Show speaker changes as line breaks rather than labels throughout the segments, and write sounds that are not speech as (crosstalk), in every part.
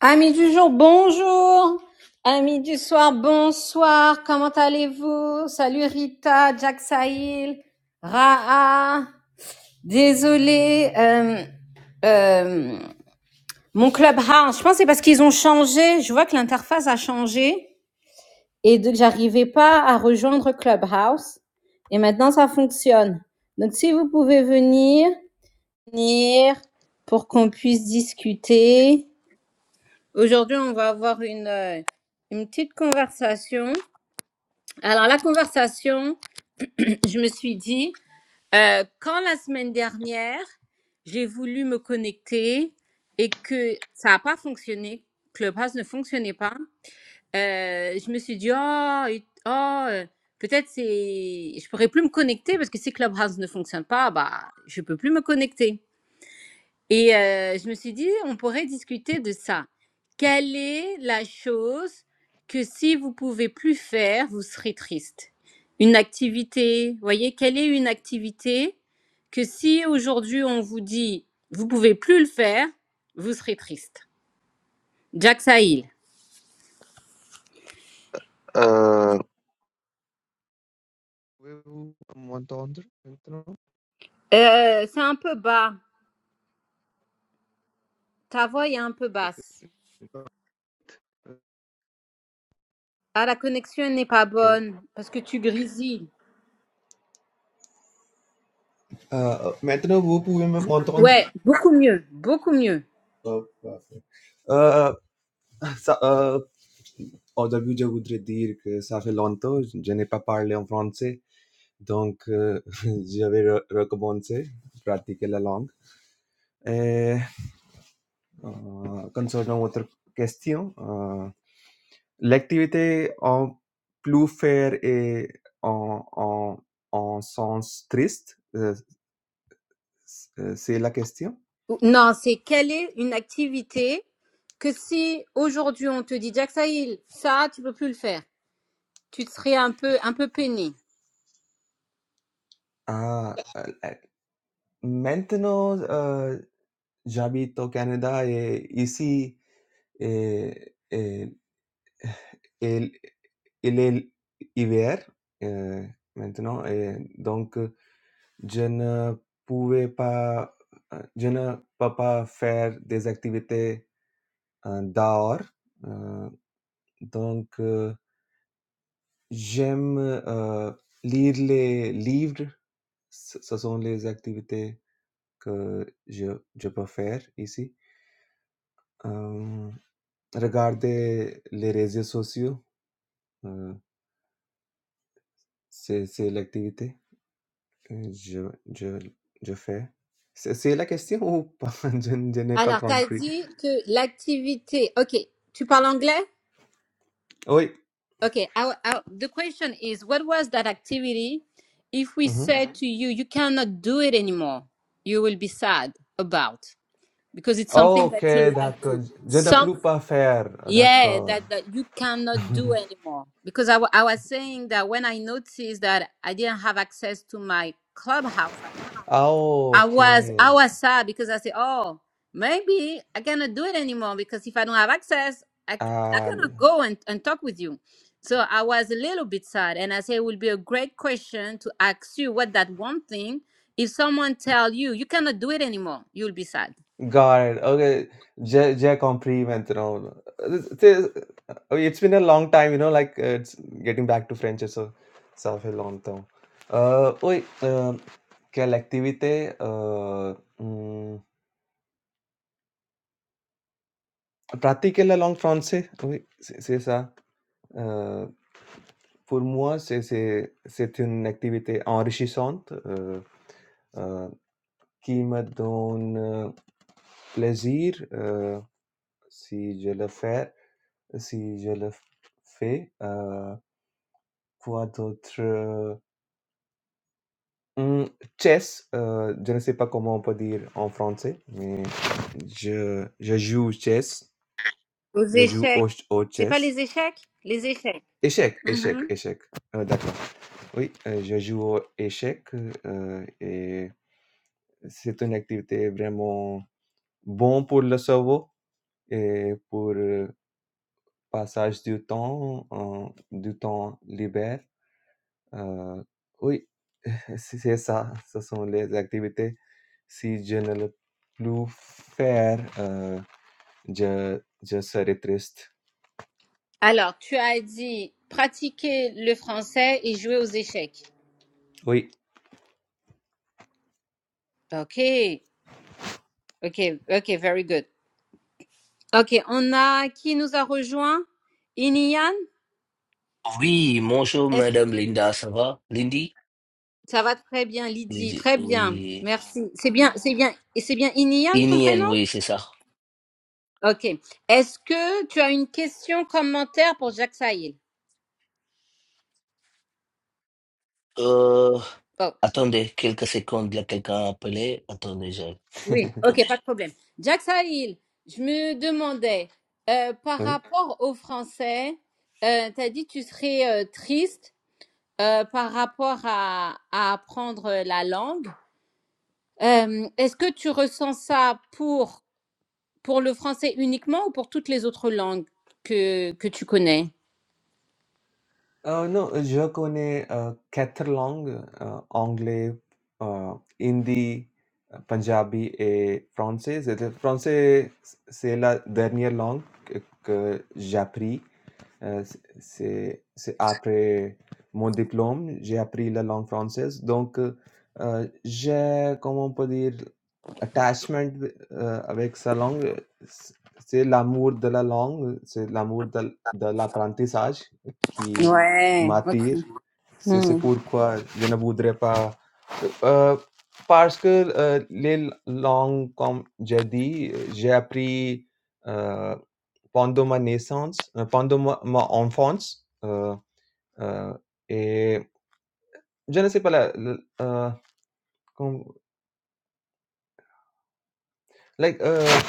Amis du jour, bonjour. Amis du soir, bonsoir. Comment allez-vous? Salut Rita, Jack Sahil, Raa. Désolée, euh, euh, mon clubhouse. Je pense que c'est parce qu'ils ont changé. Je vois que l'interface a changé et donc j'arrivais pas à rejoindre Clubhouse. Et maintenant, ça fonctionne. Donc, si vous pouvez venir, venir pour qu'on puisse discuter. Aujourd'hui, on va avoir une, euh, une petite conversation. Alors, la conversation, (clears throat) je me suis dit, euh, quand la semaine dernière, j'ai voulu me connecter et que ça n'a pas fonctionné, que le pass ne fonctionnait pas, euh, je me suis dit, oh, et- oh, euh, peut-être c'est, je pourrais plus me connecter parce que si Clubhouse ne fonctionne pas, bah, je peux plus me connecter. Et euh, je me suis dit, on pourrait discuter de ça. Quelle est la chose que si vous pouvez plus faire, vous serez triste Une activité, vous voyez, quelle est une activité que si aujourd'hui on vous dit, vous pouvez plus le faire, vous serez triste Jack Sahil. Euh, c'est un peu bas. Ta voix est un peu basse. Ah, la connexion n'est pas bonne parce que tu grésilles.
Ah, maintenant, vous pouvez m- m'entendre?
Ouais, beaucoup mieux, beaucoup mieux.
Oh, parfait. Euh, ça, euh, au début, je voudrais dire que ça fait longtemps, je je n'ai pas parlé en français, donc euh, (laughs) je vais re- recommencer, pratiquer la langue. Et euh, concernant votre question, euh, l'activité en plus faire et en, en, en sens triste, euh, c'est la question.
Ou- Non, c'est quelle est une activité que si aujourd'hui on te dit Jack Sahil, ça tu peux plus le faire, tu te serais un peu un peu peiné.
Ah, euh, euh, maintenant, euh, j'habite au Canada et ici, et, et- et- il est hiver euh, maintenant et donc je ne pouvais pas, euh, je ne peux pas faire des activités euh, dehors. Euh, donc euh, j'aime euh, lire les livres. Ce ce sont les activités que je, je peux faire ici. Um, regarder les réseaux sociaux, euh, c'est c'est l'activité que je, je, je fais. C'est c'est la question ou pas? (laughs) Je, n- je n'ai pas
Alors tu as
compris.
dit que l'activité, ok, tu parles anglais?
Oui.
Ok, our, our- the question is what was that activity if we
mhm.
said to you you cannot do it anymore, you will be sad about because it's something
Ok,
that you like
d'accord.
to.
Je ne peux pas faire.
yeah
D'accord.
that that you cannot do
(laughs)
anymore because I wa- I was saying that when i noticed that i didn't have access to my clubhouse account
Ah,
i
ok.
was i was sad because i said oh maybe i cannot do it anymore because if i don't have access i, c- I
Ah,
cannot go and, and talk with you so i was a little bit sad and i said it will be a great question to ask you what that one thing if someone tell you you cannot do it anymore you'll be sad
Got it. Okay. Je je comprends maintenant. It is- It's been a long time, you know, like uh, it's getting back to French, so ça fait longtemps. Euh, oui, euh, quelle activité euh, hmm, pratiquer la langue française, oui, c'est c'est ça. Euh, pour moi, c'est c'est- c'est une activité enrichissante euh, euh, qui me donne euh, plaisir euh, si je le fais. Si je le fais, heu, quoi d'autre? Heu, mmh, chess, heu, je ne sais pas comment on peut dire en français, mais je je joue chess,
aux
je joue
échecs
au au
c'est pas
chess.
les échecs les échecs
échec échec échec heu, d'accord. Oui, heu, je joue aux échecs, heu et c'est une activité vraiment bon pour le cerveau et pour, heu, passage du temps, heu, du temps libre, heu, oui. C'est ça, ce sont les activités saisonnelles plus faire. euh, je, je serai triste.
Alors, tu as dit pratiquer le français et jouer aux échecs.
Oui,
Ok, ok, ok, very good. Ok, on a qui nous a rejoint? Inian?
Oui, bonjour
Est-ce
Madame Linda, ça va? Lindy?
ça va très bien, Lydie?
Lindy,
Très bien,
oui.
merci. C'est bien, c'est bien, et c'est bien Inian ton
Inien,
prénom?
oui, c'est ça.
Ok. Est-ce que tu as une question, commentaire pour Jacques Saïl?
Euh, attendez, quelques secondes, il y a quelqu'un à appeler. Attendez, je...
(laughs)
Oui, ok, pas de problème. Jack Sahil, je me demandais, euh, par
oui.
rapport aux Français, euh, tu as dit tu serais euh, triste euh, par rapport à, à apprendre la langue. Euh, Est-ce que tu ressens ça pour, pour le français uniquement ou pour toutes les autres langues que, que tu connais?
Heu, non, euh, je connais, heu, 4 langues, heu, anglais, heu, hindi, heu, punjabi et français. C'est le français, c'est la dernière langue que que j'ai appris. Heu, c'est c'est c'est après mon diplôme, j'ai appris la langue française. Donc, heu, heu, j'ai, comment on peut dire, attachment, heu, avec sa langue. c'est l'amour de la langue, c'est l'amour de de l'apprentissage qui
Ouais, ok.
Matir, se se
Hmm.
Pourquoi je ne voudrais pas. Euh, parce que euh, les langues, comme j'ai dit, j'ai appris euh, pendant ma naissance, euh, pendant ma, ma enfance. Euh, euh, et je ne sais pas, la, la- euh, comme- like, uh,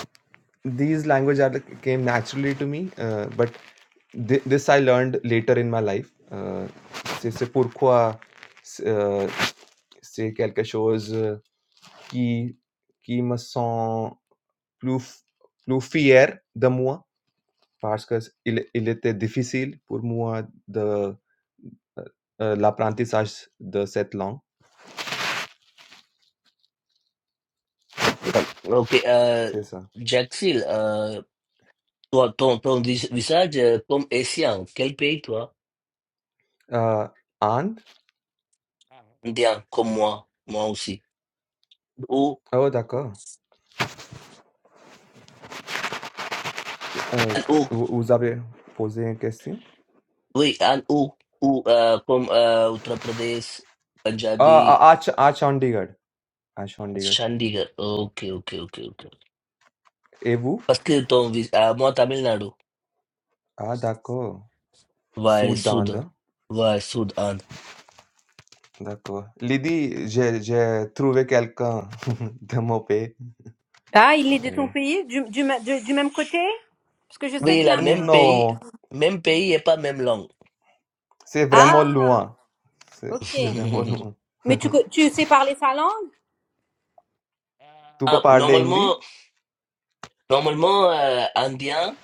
these language are, like, came naturally to me, uh, but thi- this I learned later in my life. Uh, c'est c'est pourquoi c'est euh, c'est quelque chose. qui qui me sont plus f plus fier de moi parce que il était difficile pour moi de, heu, l'apprentissage de cette langue.
Ok, euh,
C'est ça.
Jaxil, euh, toi, ton, ton vis- visage euh, comme Essien, quel pays toi?
Heu, Inde?
Indien, comme moi, moi aussi. Ou,
Oh d'accord. Heu,
ou,
vous vous avez posé une question?
oui, un ou, ou euh, comme euh, Uttar Pradesh,
Ah à
Punjabi,
à Cha à Chandigarh, à Chandigarh.
Chandigarh. Ok, ok, ok, ok.
Et vous?
Parce que ton, vis- à moi, Tamil Nadu,
Ah d'accord.
va
Sud d'Inde,
sud,
hein?
va sud, Inde.
D'accord. Lydie, j'ai j'ai trouvé quelqu'un (laughs) de mon pays.
Ah, il est de ton
Heu,
pays, du, du, ma- de- du même côté? Parce que je sais
Oui,
que
la
là...
même pays,
non.
même pays et pas même langue.
C'est vraiment
Ah,
loin. C'est
ok.
c'est vraiment
(laughs)
loin.
Mais tu,
(laughs)
co- tu sais parler sa langue?
Tu peux
Ah,
parler
normalement,
hindi?
normalement, euh, indien,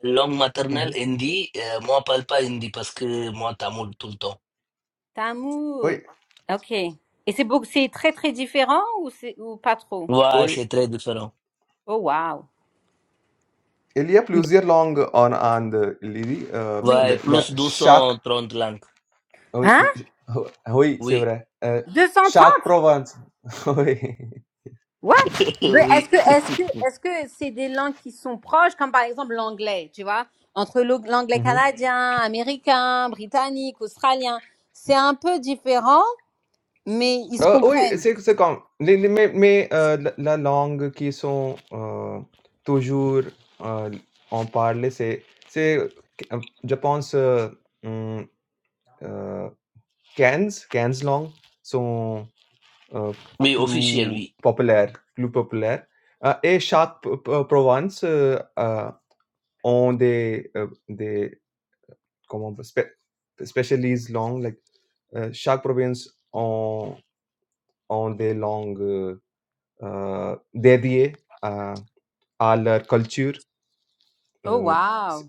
langue
Mmh
maternelle, hindi, euh, moi, parle pas hindi parce que moi, tamoul tout le temps.
Tamoul.
Oui,
Ok. Et c'est beau- c'est très très différent ou c'est ou pas trop?
Ouais,
oui.
c'est très différent.
Oh wow.
Il y a plusieurs langues en Inde, Lily. Heu,
Oui.
le
Ouais,
le
plus
chaque
230 langues.
oui,
Hein?
j oui, c'est
Oui,
vrai. Heu,
Deux cent
chaque
trente?
province. (laughs) Oui.
What?
(laughs)
Mais est-ce
oui,
que est-ce que est-ce que c'est des langues qui sont proches, comme par exemple l'anglais, tu vois? Entre l'o- l'anglais
Mmh mh.
canadien, américain, britannique, australien, c'est un peu différent, mais ils se
oui,
comprennent.
c'est c'est comme les les mais mais, heu, la la langue qui sont, heu, toujours, heu, en parler, c'est c'est, euh, je pense, heu, mmh, heu Cans, cans long, sont, heu,
oui, officiel,
plus
oui.
populaires plus populaires, heu et chaque p p province, heu, a ont des, heu, des comment on peut spé specialise langue like, heu, chaque province ont ont des langues, heu, dédiées à à leur culture.
Oh
Heu, c'est
wow.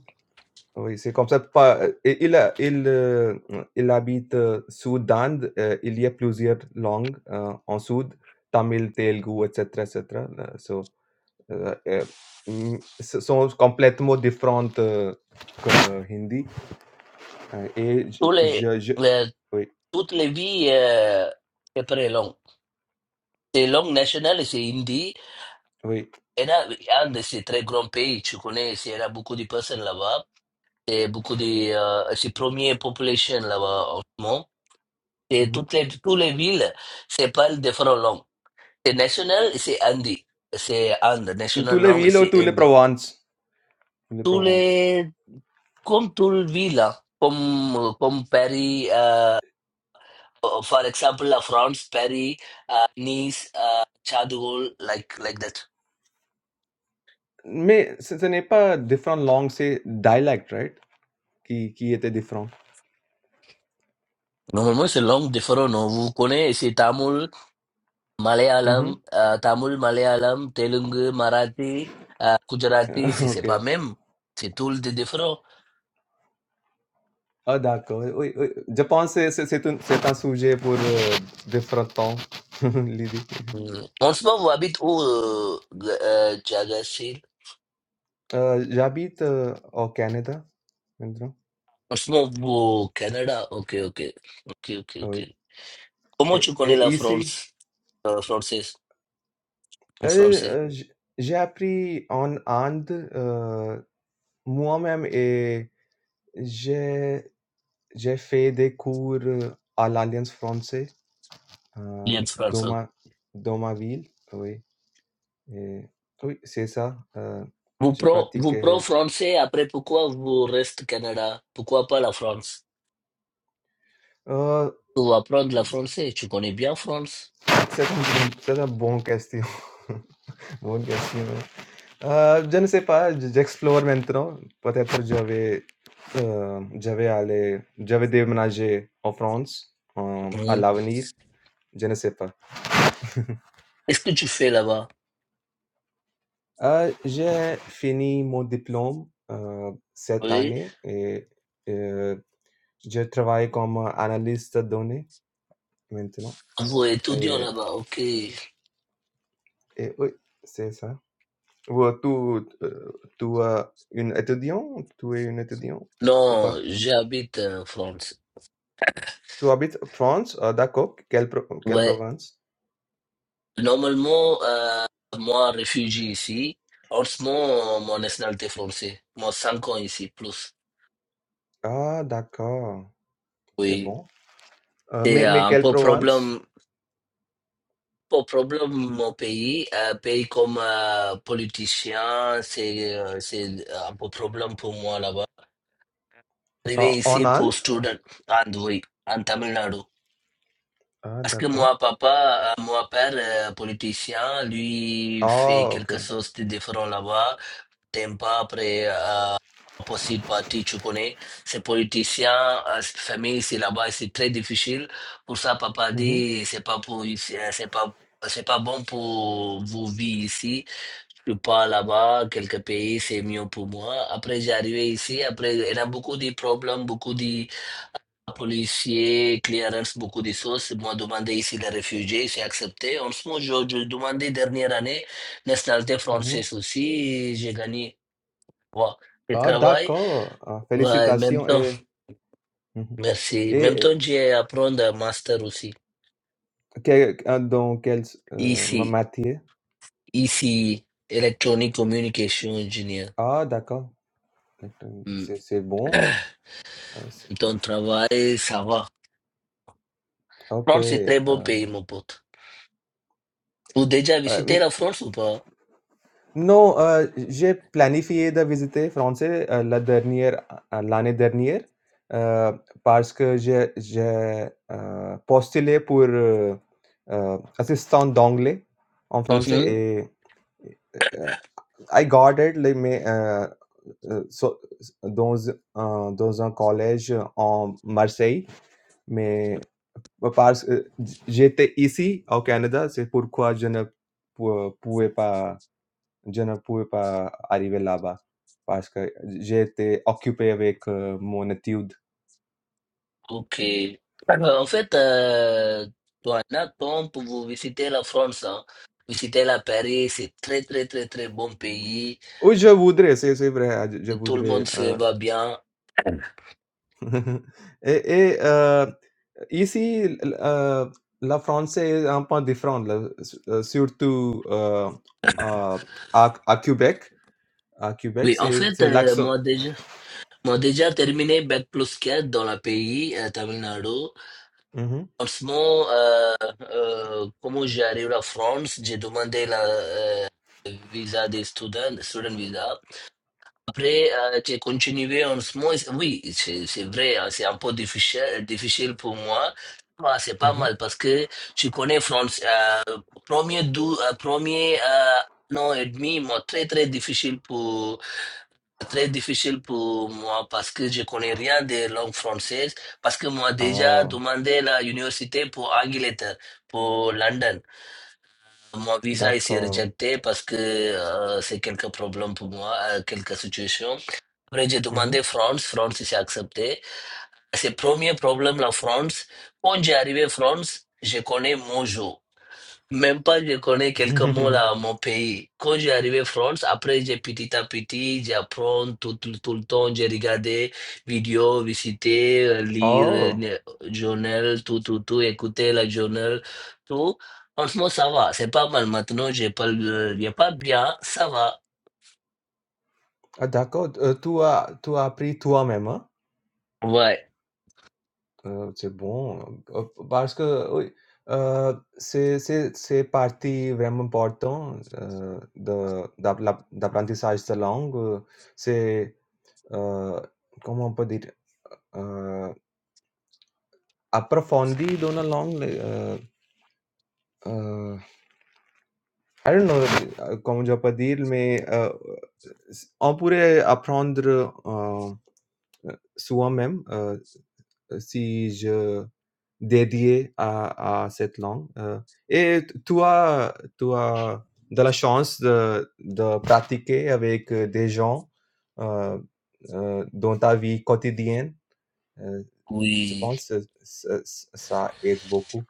oui, c'est comme ça, pas euh, et il a il, heu, il habite, heu, Soudan, heu, il y a plusieurs langues, heu, en Soudan, tamil, telugu, et cetera, et cetera. Heu, so, heu, eh, mmh, ce sont complètement différentes, heu, que euh, Hindi, heu, et j
Tous les,
je je
les-
oui,
toutes les vies, euh, c'est très long. C'est langue nationale, c'est hindi.
oui.
Et là, Inde, c'est très grand pays, tu connais, c'est- il y a beaucoup de personnes là-bas. et beaucoup de, euh, c'est première population là-bas au monde. Et
Mmh
toutes les, toutes les villes, c'est pas différentes langues. C'est national, c'est hindi. C'est Inde.
mh. Tous
National
les
langue,
villes, ou
c'est
tous les
hindi.
provinces, Tous les
Tous
provinces.
les, comme toutes les villes, là, comme, euh, comme Paris, euh, for example, la France, Paris, euh, Nice, euh, Charles like, like that.
Mais ce ce n'est pas différentes langues, c'est dialecte, right? Qui qui était différent.
Normalement, c'est langue différente, non? Vous connaissez, c'est tamoul,
Mmh mh.
Malayalam, euh, Tamil, Malayalam, Telugu, Marathi, euh, Gujarati,
(laughs)
c'est c'est
OK.
pas même. C'est tout le différent.
Ah d'accord, oui, oui. Je pense c'est c'est c'est un c'est un sujet pour, heu, différents temps, (laughs) l'idée.
Mm. En ce moment, vous habitez où, euh, G- euh, Jagasir?
Heu, j'habite, heu, au Canada maintenant,
En ce moment, vous au Canada. Ok, ok. Ok, ok, ok.
oui
Comment
et
tu connais
et
la
ici,
France, euh, française, en
heu
français,
heu, j j'ai appris en Inde, heu, moi-même et j'ai j'ai fait des cours euh, à l'Alliance française. heu,
lien
dans
français?
ma dans ma ville, oui et oui, c'est ça, heu,
Vous
je
pro,
pratique,
vous pro
euh,
français, après pourquoi vous restez Canada? Pourquoi pas la France?
Heu,
Pour apprendre la français, tu connais bien France.
c'est une bonne c'est un bon question. (laughs) Bonne question. Heu, je ne sais pas, j j'explore maintenant. Peut-être je vais, heu, je vais aller je vais déménager en France, heu, à
Mm.
l'avenir, je ne sais pas.
Qu'est-ce que tu fais là-bas?
Heu, j'ai fini mon diplôme, heu, cette
Oui.
année et heu, je travaille comme analyste de données maintenant
Vous étudiant
et
là-bas, ok.
et oui, c'est ça. Ou tu, heu, tu as une étudiante tu es une étudiante ou
Non,
pas?
j'habite en France.
Tu habites en France? Ah d'accord, quelle pro quelle
Ouais.
province?
Normalement, euh, moi, réfugié ici. En ce moment, mon nationalité française. Moi, 5 ans ici, plus.
Ah d'accord, c'est
Oui.
bon. Heu,
C'est
mais
euh,
mais
un
quelle
peu
province?
problème, pas problème mon pays. Un pays comme euh, politicien, c'est euh, c'est un peu problème pour moi là-bas.
En
Arrivé
en
ici pour
Inde?
student, and oui, en Tamil Nadu.
Ah
Parce que
d'accord.
moi, papa, euh, mon père, euh, politicien, lui fait
Ah OK.
quelque chose de différent là-bas. T'aimes pas après euh, opposite party, tu connais. Ces politiciens, euh, cette famille, c'est là-bas, c'est très difficile. Pour ça, papa
Mmh mh.
dit, c'est pas pour, ici, euh, c'est pas, c'est pas bon pour vous vivre ici. Je pars là-bas, quelques pays, c'est mieux pour moi. Après, j'ai arrivé ici. Après, il y a beaucoup de problèmes, beaucoup de policier, clearance, beaucoup de choses. Ils m'ont demandé ici les réfugiés, j'ai accepté. En ce moment, je, je demandais dernière année nationalité
Mmh
française aussi. J'ai gagné ouais, le
Ah
travail.
d'accord! Ah
Ouais, en même
félicitations
temps,
et mmh mh
merci. En même
et
temps, j'ai appris un master aussi.
quel euh, dans quelle s ma
Ici,
matière?
ici, Electronic Communication Engineer.
Ah d'accord.
Hmm.
C'est c'est
(clears throat)
bon. Ah c'est
En même temps, travail, ça va.
OK,
France est très
heu
bon pays, mon pote. Vous déjà
heu
visité la France ou pas?
Non, heu, j'ai planifié de visiter français, heu, la dernière a l'année dernière, heu, parce que j'ai j'ai, heu, postulé pour, heu heu, assistant d'anglais en français et et heu, I got it like mais, heu heu, so dans un dans un collège en Marseille, mais parce, que j'étais ici au Canada, c'est pourquoi je ne pou pouvais pas je ne pouvais pas arriver là-bas parce que j'ai été occupé avec euh, mon étude.
Ok. Alors, en fait, euh, toi, Nathan, pour vous visiter la France, hein, visiter la Paris, c'est très, très, très, très bon pays.
Oui, je voudrais, c'est c'est vrai, euh, je
Et tout le
voudrais.
monde se
euh,
va bien.
(laughs) et et, euh, ici, l- euh, la français est un peu différente, là, s- euh, surtout euh, euh, à, à Québec. À Québec,
Oui, en
c'est
fait,
c'est
euh,
l'accent.
moi déjà, moi déjà terminé Bac plus 4 dans le pays, euh, Tamil Nadu.
Mhm,
En ce moment, euh, euh, comment j'arrive à la France, j'ai demandé la euh, visa des students, student visa. Après, euh, j'ai continué en ce moment. Oui, c'est c'est vrai, hein, c'est un peu difficile, difficile pour moi. Bah, c'est pas
mhm.
mal parce que tu connais France. Euh, premier dou, euh, premier euh, un an et demi, moi, très très difficile pour très difficile pour moi parce que je connais rien des langues françaises. Parce que moi déjà
Oh,
demandé la université pour Angleterre, pour London. Mon visa a été
d'accord.
rejeté parce que euh, c'est quelques problèmes pour moi, euh, quelques situations. Après, j'ai
Mhm.
demandé France. France, s'est accepté. C'est premier problème, la France. Quand j'ai arrivé à France, je connais Mojo. Même pas, je connais quelques mots
(laughs)
là à mon pays. Quand j'ai arrivé en France, après, j'ai petit à petit, j'apprends tout, tout, tout le temps, j'ai regardé vidéos, visité, euh, lire euh,
oh,
le journal, tout, tout, tout, écouter la journal, tout. Franchement, ça va, c'est pas mal. Maintenant, j'ai pas, le- j'ai pas bien, ça va.
ah, d'accord. Euh, Tu as, tu as appris toi-même, hein?
Ouais,
Hã, ser bom, a başka, oy aaa, se se se parti importante, hã, da da da da aprendizagem longo, se, hã, como pode ir, hã, a profundidade long, hã, hã, I don't know, como já pode ir, mas, hã, on pourrait apprendre, hã, soi-même, hã, si je Dédié à à cette langue, heu et tu as tu as de la chance de de pratiquer avec, heu, des gens, heu heu, dans ta vie quotidienne, heu, je
oui.
pense, heu, ce ce ça aide beaucoup.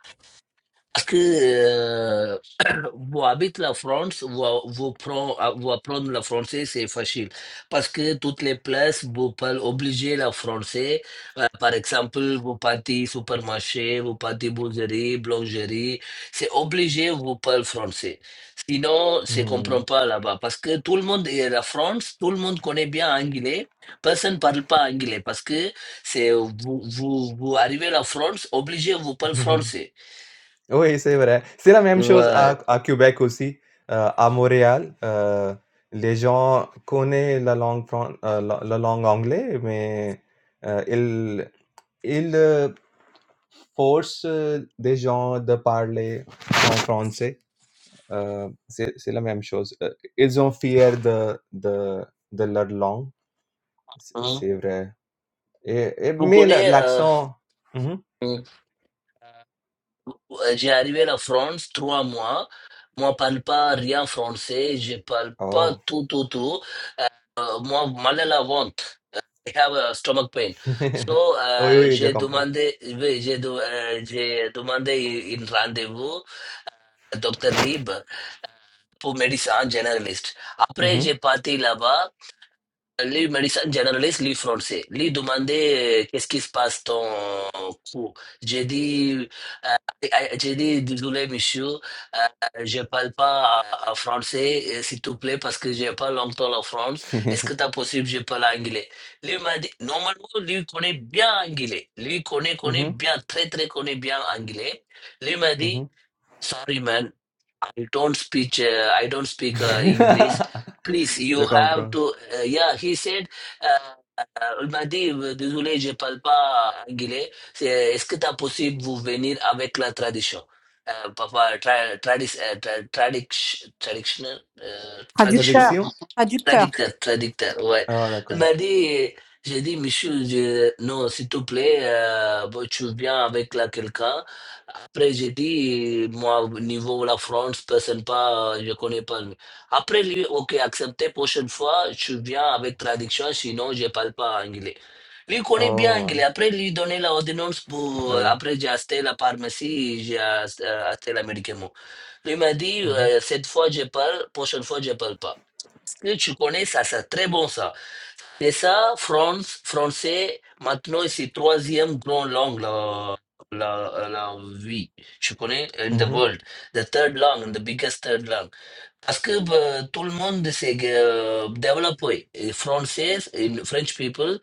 Parce que euh, (clears throat) vous habitez la France, vous, vous, prend- vous apprendre le français, c'est facile. Parce que toutes les places, vous pouvez obliger le français. Euh, par exemple, vous partez supermarché, vous partez boulangerie, boulangerie, c'est obligé, vous parlez français. Sinon, c'est
Mmh.
comprend pas là-bas. Parce que tout le monde est la France, tout le monde connaît bien anglais. Personne ne parle pas anglais parce que c'est vous, vous, vous arrivez à la France, obligé, vous parlez
(laughs)
français.
Oui, c'est vrai. C'est la même chose
ouais
à à Québec aussi, heu, à Montréal, heu, les gens connaissent la langue fran heu, la la langue anglais, mais, heu, ils ils, heu, forcent euh, des gens de parler en français, heu, c'est c'est la même chose. Heu, ils ont fiers de de de leur langue, c'est
Hein.
c'est vrai et et
Vous
mais la
connaissez, euh,
l'accent mmh
hein, j'ai arrivé la France trois mois. Moi, je parle pas rien français. Je parle pas
Oh.
tout, tout, tout. Euh, moi, mal à la ventre. I have a stomach pain.
(laughs)
So,
Oui,
euh,
oui, je
j'ai
comprends.
demandé, oui, j'ai de- euh, j'ai demandé un rendez-vous à Dr. Lib pour médecin généraliste.
Mmh
Après, j'ai parti là-bas. Les médecins généralistes lui français, lui demander euh, qu'est-ce qui se passe ton cou. J'ai dit, euh, euh, j'ai dit, désolé monsieur, euh, je parle pas euh, français, euh, s'il te plaît, parce que j'ai pas longtemps en France. Est-ce que
(laughs)
c'est possible, je parle anglais? Lui m'a dit, normalement, lui connaît bien anglais. Lui connaît, connaît
mhm mh.
bien, très, très connaît bien anglais. Lui m'a
Mmh
dit,
mh.
sorry man, I don't speak uh, I don't speak uh,
(laughs)
English. Please, you
Je
have
comprends.
to. Uh, yeah, he said. Uh, uh, il m'a dit, euh, désolé, je parle pas anglais. C'est- Est-ce que c'est possible vous venir avec la tradition? Euh, papa, tra, tradis, euh, tra- tradic- traditional, euh, tradition.
Traducteur.
Traduction?
Traducteur.
traducteur traducteur ouais.
Ah
Il
d'accord.
m'a
(laughs)
dit, j'ai dit, monsieur, je- non, s'il te plaît, euh, bon, tu viens avec là quelqu'un. Après, j'ai dit, moi, au niveau de la France, personne pas, euh, je connais pas lui. Après, lui, ok, accepté, prochaine fois, tu viens avec traduction, sinon, je parle pas anglais. Lui connaît bien
Oh,
anglais. Après, lui donner la ordonnance pour, euh,
ouais.
après, j'ai acheté la pharmacie, j'ai acheté euh, acheté l'américain. Lui m'a dit,
mhm mhm
euh, cette fois, je parle, prochaine fois, je parle pas. Que tu connais ça, c'est très bon ça. Et ça, France, français, maintenant, c'est troisième grande langue, la, la, la vie. Tu connais, in the
Mmh
world. The third langue, the biggest third langue. Parce que bah, tout le monde s'est euh, développé. Et français, in French people,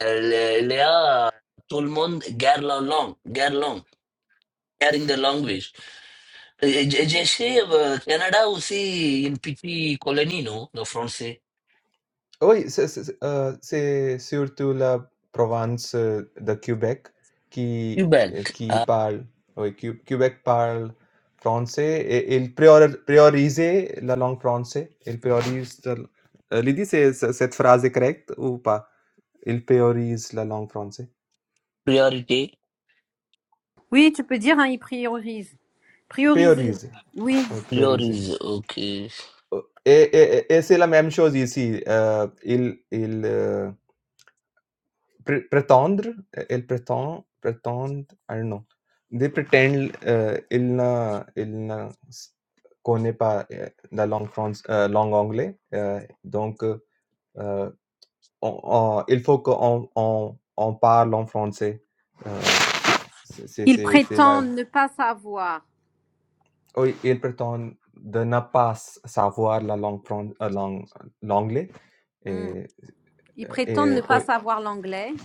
euh, les, les a- tout le monde garde la langue, garde la langue. Carrying the language. Et- et- J'ai chez euh, Canada aussi une petite colonie, non, de français.
Oui, c'est c'est c'est, heu, c'est surtout la province euh, de Québec qui qui eh,
Québec.
qui parle oui, Q Québec parle français et ils priori priorisaient la langue française il priorisent la l Lydie, c'est ce cette phrase est correcte ou pas? il priorisent la langue française
priorité,
Oui, tu peux dire, hein, ils priorisent. Prioriser.
Prioriser,
Oui.
oui, prioriser.
priorise, ok.
O e e e e se la même chose ici, heu, il il, heu pré prétendre, elle prétend I don't know they pretend, heu, il ne il ne connaît pas, heu, la langue France heu, langue anglais, heu, donc heu, on on il faut qu'on on on parle en français, heu, c'est c'est
Ils
c'est c'est la
prétendent ne pas savoir.
oui, il prétend de ne pas s- savoir la langue, fran, euh, langue- l'anglais.
Hmm.
Et,
Ils prétendent ne
et,
pas
oui,
savoir l'anglais,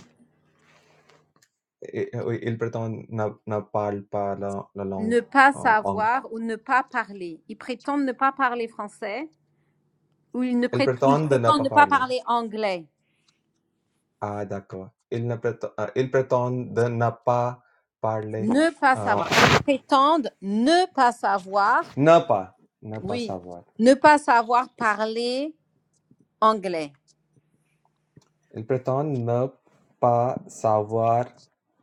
et- oui, il prétend ne, ne parle pas la, la langue
ne pas
euh, anglaise.
savoir ou ne pas parler. Ils prétendent ne pas parler français ou ils, ne
Il
prét- ils
prétend de ne
prétendent
pas
ne pas
parler.
parler anglais.
Ah, d'accord. Il, ne prétend, euh, il prétend de ne pas parler.
Ne pas
euh,
savoir. Ils prétendent ne pas savoir,
ne pas. Ne pas
oui,
savoir.
ne pas savoir parler anglais.
Il prétend ne pas savoir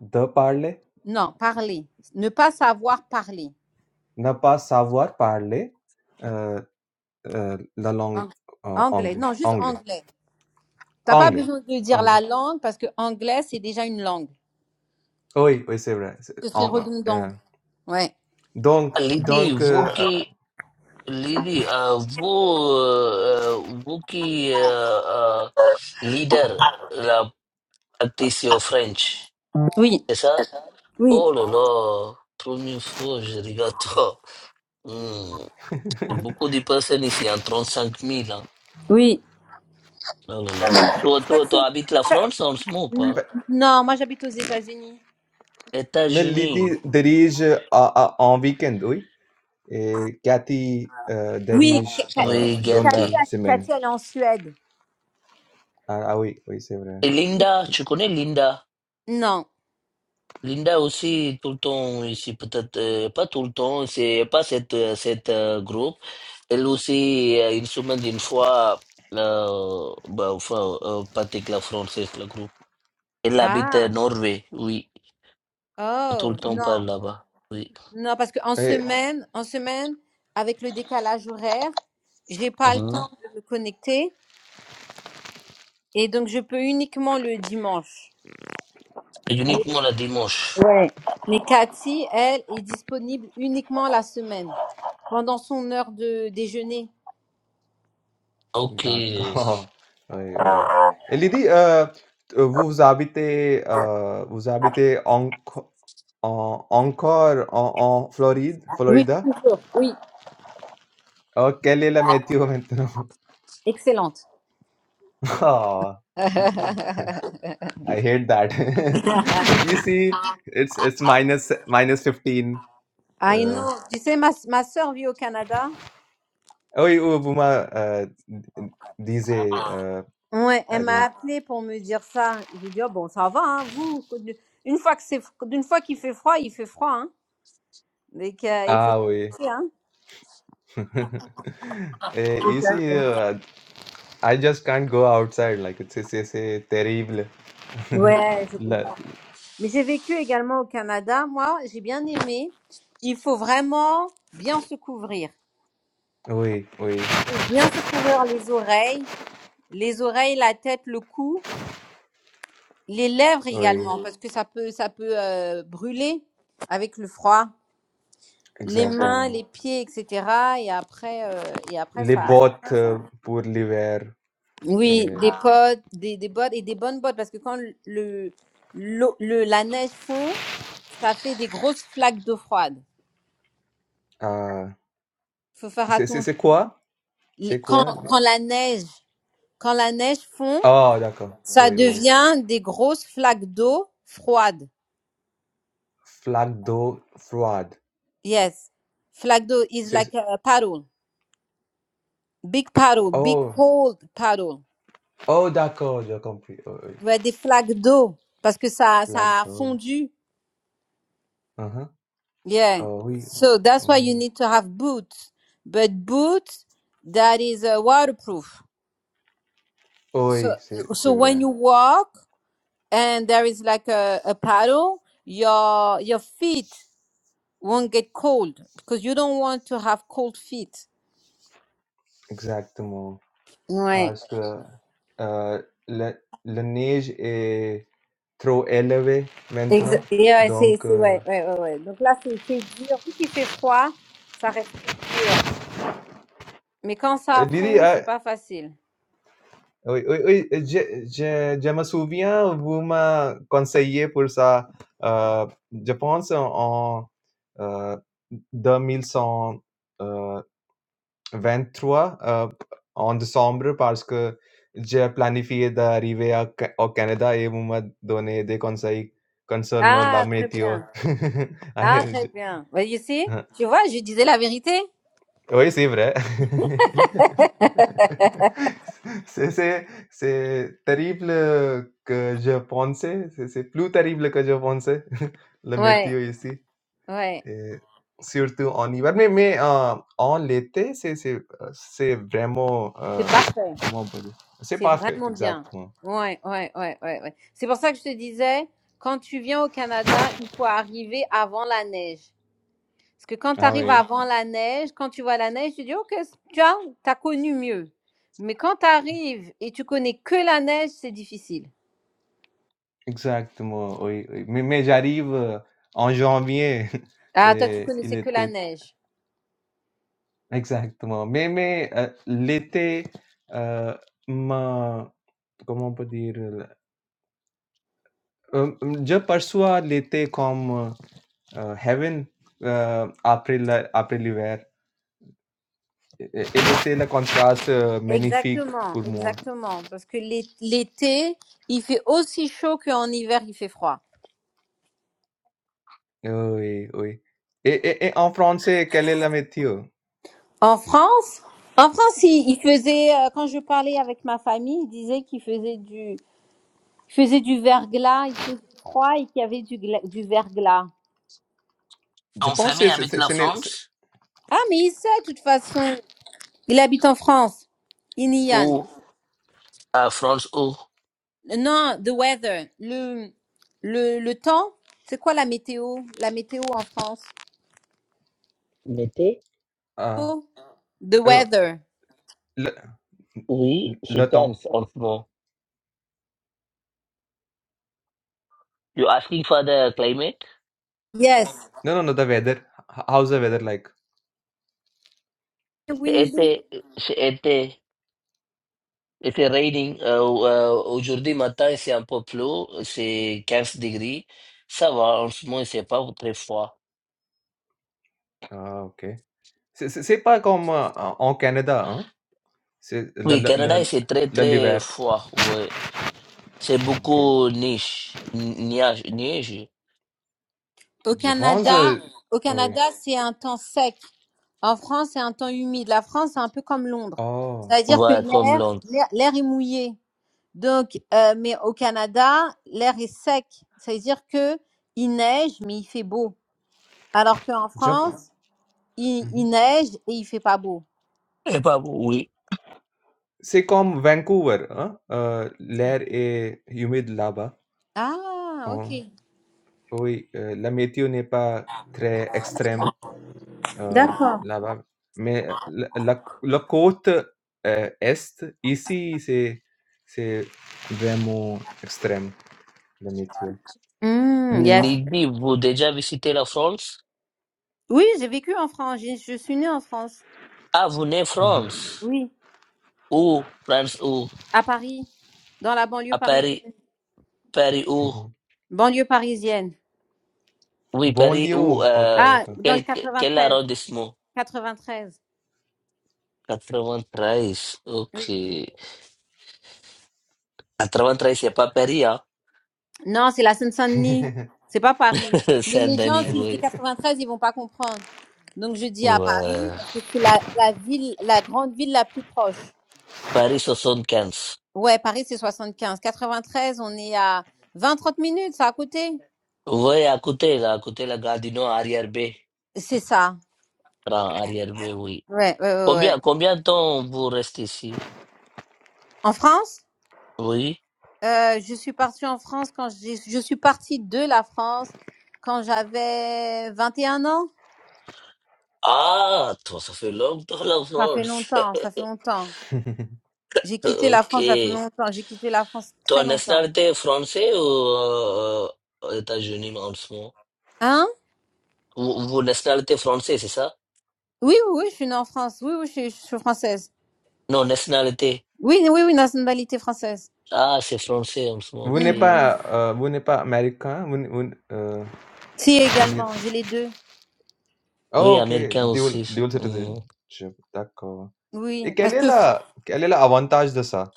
de parler.
Non, parler. Ne pas savoir parler.
Ne pas savoir parler. euh, Heu, la langue
Ang-
a
Anglais.
anglais
Non, juste
anglais
anglais. T'as pas
anglais
besoin de dire
anglais.
la langue parce que anglais, c'est déjà une langue.
Oui, oui, c'est vrai, c'est
Ce serait
en
redondant.
heu,
Ouais.
donc
L'idée,
donc
vous
heu, heu,
qui, l'idée, euh, vous, euh, vous qui, euh, euh, leader, la practice your French,
Oui.
c'est ça?
Oui.
Oh là là, première fois, je regarde (laughs) toi. Hmm, C'est beaucoup de personnes ici, en 35 000, hein.
Oui.
Oh là là. Toi, toi, toi habites la France en ce moment ou
bah,
pas?
Non, moi j'habite aux États-Unis.
mais
États-Unis.
Lydie dirige euh, à à en week-end, oui et Cathy, heu,
Oui, Ka-
dirige,
Ka-
heu,
Ka-
Oui,
dans la
Cathy,
gâté.
semaine.
Cathy, elle est en Suède.
Ah ah oui, oui, c'est vrai
Et Linda, tu connais Linda?
Non.
Linda aussi, tout le temps ici, peut-être euh, pas tout le temps, c'est pas cette, euh, cette euh, groupe. Elle aussi, euh, une semaine, une fois, euh, bah, enfin, euh, pratique la française, le groupe. Elle habite à
Ah,
Norvège, oui. Tout le
Oh,
temps par
non.
là-bas, oui.
Non, parce qu'en
et
semaine, en semaine, avec le décalage horaire, j'ai pas le
Mhm.
temps de me connecter et donc je peux uniquement le dimanche.
Et Uniquement le dimanche.
ouais. Mais Cathy, elle, est disponible uniquement la semaine, pendant son heure de déjeuner.
Ok.
d'accord. (laughs) Oui, oui et Lydie, heu, t euh, vous habitez, heu, vous habitez enco en encore en en Floride
Oui,
Florida?
toujours. Oui.
Oh, Kelly LaMathew Matthew. (laughs)
Excellente.
Oh,
(laughs)
I hate that. (laughs) you see, it's it's minus minus fifteen.
I
Uh,
know. Tu sais, ma, ma soeur vit au Canada
oh, you, Buma. Uh, these uh,
Ouais, elle
I
m'a
think.
appelé pour me dire ça. Je lui ai dit, Oh, bon, ça va, hein, vous. Une fois que c'est, d'une fois qu'il fait froid, il fait froid, hein. Mais il faut se
Ah, we.
chauffer, hein.
(laughs) Eh,
Tout
You
à fait.
see, uh, I just can't go outside. Like it's it's it's uh, terrible. (laughs)
Ouais, je
La,
comprends. Mais j'ai vécu également au Canada. Moi, j'ai bien aimé. Il faut vraiment bien se couvrir.
oui, oui,
Bien se couvrir les oreilles, les oreilles, la tête, le cou, les lèvres
oui.
également, parce que ça peut, ça peut euh, brûler avec le froid. Les mains,
Exactement.
les pieds, etc. Et après, euh, et après
Les
ça,
bottes euh, pour l'hiver.
Oui,
Euh,
des Ah. potes, des, des bottes et des bonnes bottes parce que quand le, l'eau- le, la neige fond, ça fait des grosses flaques d'eau froide.
ah,
Faut faire
c'est c'est
attention.
c'est quoi?
Les-
C'est
Quand,
quoi le
quand la neige, quand la neige fond,
oh d'accord,
ça
oui, oui.
devient des grosses flaques d'eau froide.
Flaque d'eau froide.
Yes. Flaque d'eau is
C'est
like a paddle. Big paddle, big
oh!
cold paddle.
Oh d'accord, j'ai compris, oui, oui.
Ouais, des flaques d'eau parce que ça,
Flaque
ça a
d'eau.
fondu
Mmh
Yeah.
Oh oui,
So that's why you
oui.
need to have boots, but boots that is uh, waterproof. So
Oui, c'est c'est
so when
vrai.
you walk and there is like a, a paddle, your your feet won't get cold because you don't want to have cold feet.
Exactement.
Ouais.
Parce que, heu, la la neige est trop élevée maintenant,
Exa- yeah, c'est
donc
c'est-
heu,
ouais, ouais, ouais, ouais. Donc là c'est c'est dur, vu qu'il fait froid, ça reste dur. Mais quand ça
Didi,
fond, c'est pas facile.
Uy, uy, uy, je je já uma conseiller pour ça, heu, je pense en, heu, 2100, heu, 23, heu, en décembre parce que j'ai planifié d'arriver à Ca au Canada et vous m'a donné des conseils concernant la
Ah, très
météo.
bien. Ah, très
(laughs)
bien. Well, you see?
Ah, je
Tu vois, je disais la vérité.
Oui, c'est vrai. (laughs) C'est c'est c'est terrible, que je pensais. C'est c'est plus terrible que je pensais, (laughs) le météo
Ouais,
ici
ouais.
et surtout en hiver. Mais mais, heu, en l'été, c'est c'est, heu, c'est vraiment, heu,
C'est parfait.
comment on peut dire? C'est
C'est
parfait,
vraiment bien.
exactement.
Ouais, ouais, ouais, ouais, ouais. C'est pour ça que je te disais, quand tu viens au Canada, il faut arriver avant la neige. Parce que quand tu
Ah
arrives
oui,
avant la neige, quand tu vois la neige, tu dis, OK, c'est- tu as, t'as connu mieux. Mais quand tu arrives et tu connais que la neige, c'est difficile.
exactement, oui, oui. Mais mais j'arrive, heu, en janvier (laughs)
Ah, toi, tu
et il
connaissais que
était
la neige.
Exactement. Mais mais, heu, l'été, heu, ma comment on peut dire? Hem, je perçois l'été comme, heu, heaven, heu, après la après l'hiver. Et et c'était le contraste euh, magnifique
Exactement,
pour moi.
exactement. Parce que l'é- l'été, il fait aussi chaud qu'en hiver, il fait froid.
Oui, oui. Et et et en français, quel est le météo?
En France, en France, ils ils faisaient, euh, quand je parlais avec ma famille, ils disaient qu'ils faisaient du, ils faisaient du verglas, il faisait froid et qu'il y avait du, gla- du verglas.
Je
Ton
pense c'est
famille
c'est
habite
c'est
la
ce n'est c'est
France?
Ah, mais il sait, de toute façon. Il habite en France. Inian.
Où? À France, où?
Non, the weather. Le, le, le temps. C'est quoi la météo? La météo en France.
L'été?
ah,
Oh, the
heu,
weather.
le
Oui,
le
she comes
temps.
en ce moment. You asking for the climate?
Yes.
Non, non, non, the weather. How's the weather like?
C'est
Windy.
été, c'est été. Il fait raining. euh, euh, aujourd'hui matin, c'est un peu plus, c'est 15 degrés. Ça va, en ce moment, c'est pas très froid.
Ah, OK. C'est c'est c'est pas comme en en Canada, hein? C'est la
Oui,
la la
Canada, c'est très,
la
très
l'hiver.
froid. Ouais. C'est
OK.
beaucoup neige, neige, neige.
Au
Je pense,
Canada,
heu,
au
oui.
Canada, c'est un temps sec. En France, c'est un temps humide. La France, c'est un peu comme Londres.
Oh,
C'est-à-dire que
Ouais, comme
l'air,
Londres.
l'air l'air est mouillé. Donc, euh, mais au Canada, l'air est sec. C'est-à-dire que il neige, mais il fait beau. Alors qu'en
Jap hein.
France,
Mmh
il,
mh.
il neige et il fait pas beau.
Et pas, oui.
C'est comme Vancouver, hein? Heu, l'air est humide là-bas.
Ah, ok.
Hein. Oui, heu, la météo n'est pas très extrême, heu,
D'accord.
là-bas. Mais, heu, la la la côte, heu, est, ici, c'est c'est vraiment extrême, la météo.
Hmm, yes.
Lydie, vous déjà visité la France?
Oui, j'ai vécu en France. J'ai- Je, suis née en France.
Ah, vous venez
Mmh
France?
Oui.
Où? France où?
À Paris, dans la banlieue
À
parisienne.
Paris? Paris où?
mh.
Banlieue parisienne.
Oui, Paris
Banlieue,
où?
(laughs) OK,
Euh,
Ah,
d'accord.
dans le
quel, quel
93.
arrondissement?
93.
treize. ok. À Trente-Trois, c'est pas Paris, hein?
Non, c'est la Seine-Saint-Denis. C'est pas Paris.
(laughs)
Mais les gens,
Saint-Denis,
si je dis
oui.
93, ils vont pas comprendre. Donc je dis à Paris
Ouais.
parce que c'est la, la ville, la grande ville la plus proche.
Paris 75.
Ouais, Paris c'est 75. 93, on est à 20-30 minutes, c'est à côté.
Oui, à côté, là, à côté, la gare du Nord, arrière-B. (laughs)
C'est ça.
Tra- Arrière-B, oui.
Ouais, ouais, ouais, ouais.
Combien, combien de temps vous restez ici?
En France,
Oui.
euh, je suis partie en France quand j'ai, je suis partie de la France quand j'avais 21 ans.
Ah, toi, ça fait longtemps, la
Ça fait
France. (laughs)
longtemps, ça fait longtemps. J'ai quitté la
Ok.
France, ça fait longtemps. J'ai quitté la France
Toi,
très longtemps.
nationalité française ou euh, aux États-Unis en ce moment?
Hein
Vous, vous, nationalité française c'est ça?
Oui, oui, oui, je suis née en France. Oui, oui, je suis, je suis française.
Non, nationalité.
Oui, oui, oui, nationalité française.
Ah, c'est français en ce moment,
Vous
ok.
n'êtes
Mhm.
pas, heu, vous n'êtes pas américain? Vous n vous n heu,
Si,
vous n'êtes
également, j'ai les deux.
Oui,
oh, OK,
américain
dual
aussi.
dual
Mm,
citizenship, d'accord.
Oui,
Et quelle
parce
est
que, Fr-
la quel est l'avantage de ça?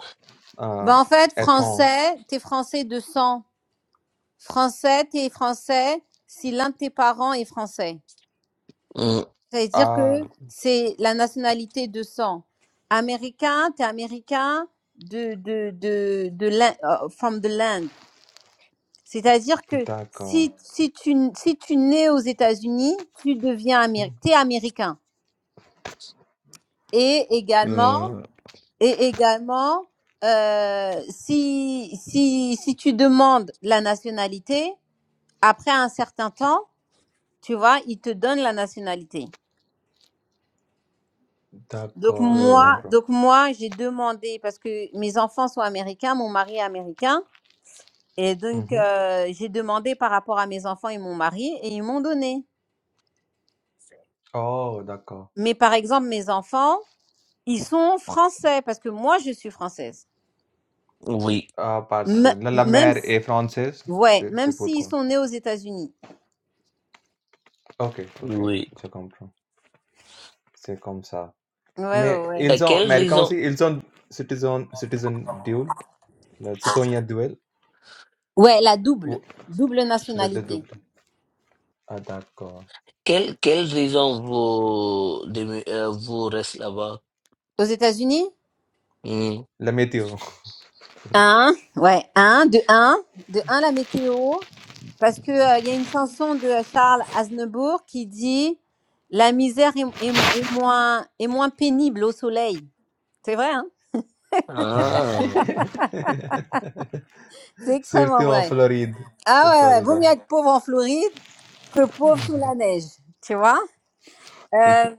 Heu,
ben, en fait,
étant
français, t'es français de sang. Français, t'es français si l'un de tes parents est français.
mm,
Ça veut dire
ah,
que c'est la nationalité de sang. Américain, t'es américain de, de, de, de, l'Inde- euh, from the land. C'est-à-dire que
d'accord.
si, si tu, si tu nais aux États-Unis, tu deviens
Mmh.
américain. T'es américain. et également
mm,
et également euh, si si si tu demandes la nationalité après un certain temps tu vois ils te donnent la nationalité donc
D'accord, je
moi
mm.
comprends.
donc moi j'ai demandé parce que mes enfants sont américains mon mari est américain et
Mmh
donc
mh.
euh, j'ai demandé par rapport à mes enfants et mon mari et ils m'ont donné
Oh, d'accord.
mais par exemple mes enfants ils sont français parce que moi je suis française
Oui,
Ah, parce que
Me-
la la
même
mer
si-
est française,
ouais
c'est
même
c'est
s'ils
pourquoi?
sont nés aux États-Unis
OK, OK,
oui.
je comprends. C'est comme ça.
Ouais,
Mais
ouais, ouais.
Et
ils ont
quelle
américains
raison,
aussi, ils ont citizen citizen dual? Le- C'est ton a duel?
Ouais, la double.
ou
Double
le, le
nationalité.
double. Ah, d'accord.
quelle, quelle raison vous, dému- euh, vous restez là-bas?
Aux États-Unis?
Mm.
La météo.
Un. Ouais, un. De un. De un, la météo. Parce que, euh, il y a une chanson de Charles Aznavour qui dit, la misère est, est mo- est moins, est moins pénible au soleil. C'est vrai, hein?
Ah.
(laughs)
C'est
Surtout
extrêmement
en
vrai.
Floride.
Ah
Au
ouais, ouais. Vaut
Florida.
mieux être pauvre en Floride que pauvre sous la neige. Tu vois? Euh,
(laughs)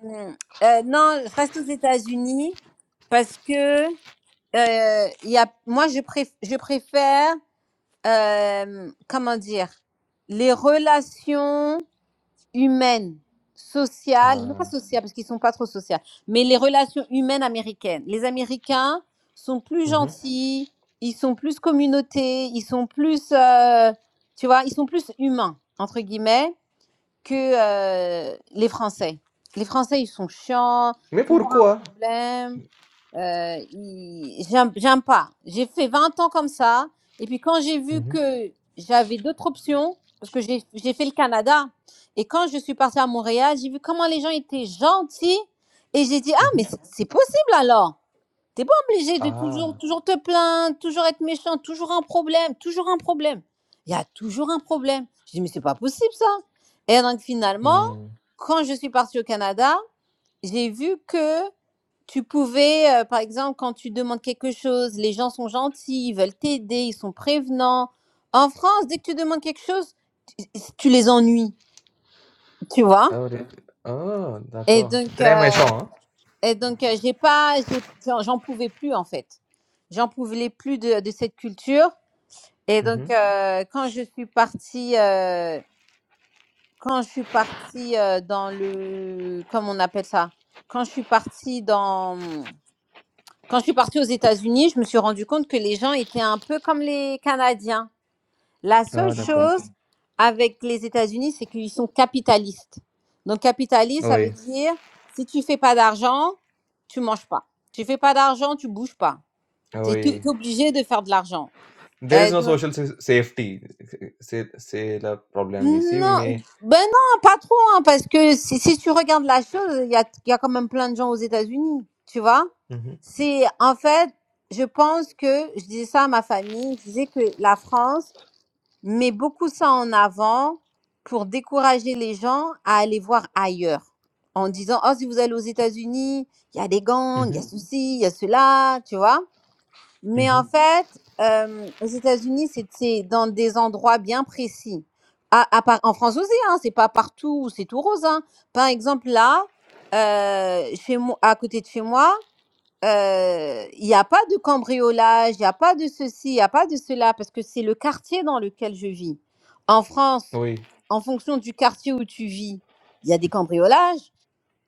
euh, non, je reste aux États-Unis parce que, euh, il y a, moi, je, préf- je préfère, euh, comment dire, les relations humaines, sociales, non pas
Ah.
sociales parce qu'ils sont pas trop sociales, mais les relations humaines américaines. Les Américains sont plus
Mhm.
gentils, ils sont plus communautés, ils sont plus, euh, tu vois, ils sont plus humains, entre guillemets, que euh, les Français. Les Français, ils sont chiants,
Mais
toujours un
pourquoi?
problème. Euh, il- j'aime j'aime pas. J'ai fait 20 ans comme ça. Et puis quand j'ai vu
Mhm.
que j'avais d'autres options, parce que j'ai j'ai fait le Canada, et quand je suis partie à Montréal, j'ai vu comment les gens étaient gentils. Et j'ai dit, ah, mais
Mhm.
c'est c'est possible alors. T'es pas obligé de toujours,
Ah.
toujours te plaindre, toujours être méchant, toujours un problème, toujours un problème. Il y a toujours un problème. J'ai dit, mais c'est pas possible ça. Et donc finalement,
Hmm.
quand je suis partie au Canada, j'ai vu que tu pouvais, euh, par exemple, quand tu demandes quelque chose, les gens sont gentils, ils veulent t'aider, ils sont prévenants. En France, dès que tu demandes quelque chose, tu, tu les ennuies, tu vois.
Ah, ouais. Ah,
Et
d'accord.
donc,
Très
euh,
méchant, hein?
et donc, euh, j'ai pas, j'ai- j'en j'en pouvais plus en fait. J'en pouvais plus de, de cette culture. Et
Mmh
donc,
mh.
euh, quand je suis partie, euh, quand je suis partie euh, dans le, comment on appelle ça Quand je suis partie dans Quand je suis partie aux États-Unis, je me suis rendu compte que les gens étaient un peu comme les Canadiens. La seule
Ah,
Ah,
d'accord.
d'accord. chose d'accord. avec les États-Unis, c'est qu'ils sont capitalistes. Donc, capitaliste, ça veut
Oui,
dire si tu fais pas d'argent, tu manges pas. Tu fais pas d'argent, tu bouges pas.
Ah,
Tu
oui.
es obligé de faire de l'argent.
There is
Euh,
no
donc,
social sa safety. C'est c'est le problème ici,
Non,
mais
ben non, pas trop, hein, parce que si, si tu regardes la chose, il y a, il y a quand même plein de gens aux États-Unis, tu vois.
mmh mh.
C'est en fait, je pense que je disais ça à ma famille, je disais que la France met beaucoup ça en avant pour décourager les gens à aller voir ailleurs, en disant oh si vous allez aux États-Unis, il y a des
Mmh
gangs, il y
mh.
a ceci, il y a cela, tu vois. Mais
Mmh mh.
en fait, euh, aux États-Unis, c'est c'est dans des endroits bien précis. À, à part, en France aussi, hein, c'est pas partout où c'est tout rose. hein. Par exemple, là, euh, chez moi, à côté de chez moi, euh, il n'y a pas de cambriolage, il n'y a pas de ceci, il n'y a pas de cela, parce que c'est le quartier dans lequel je vis. En France,
Oui,
en fonction du quartier où tu vis, il y a des cambriolages,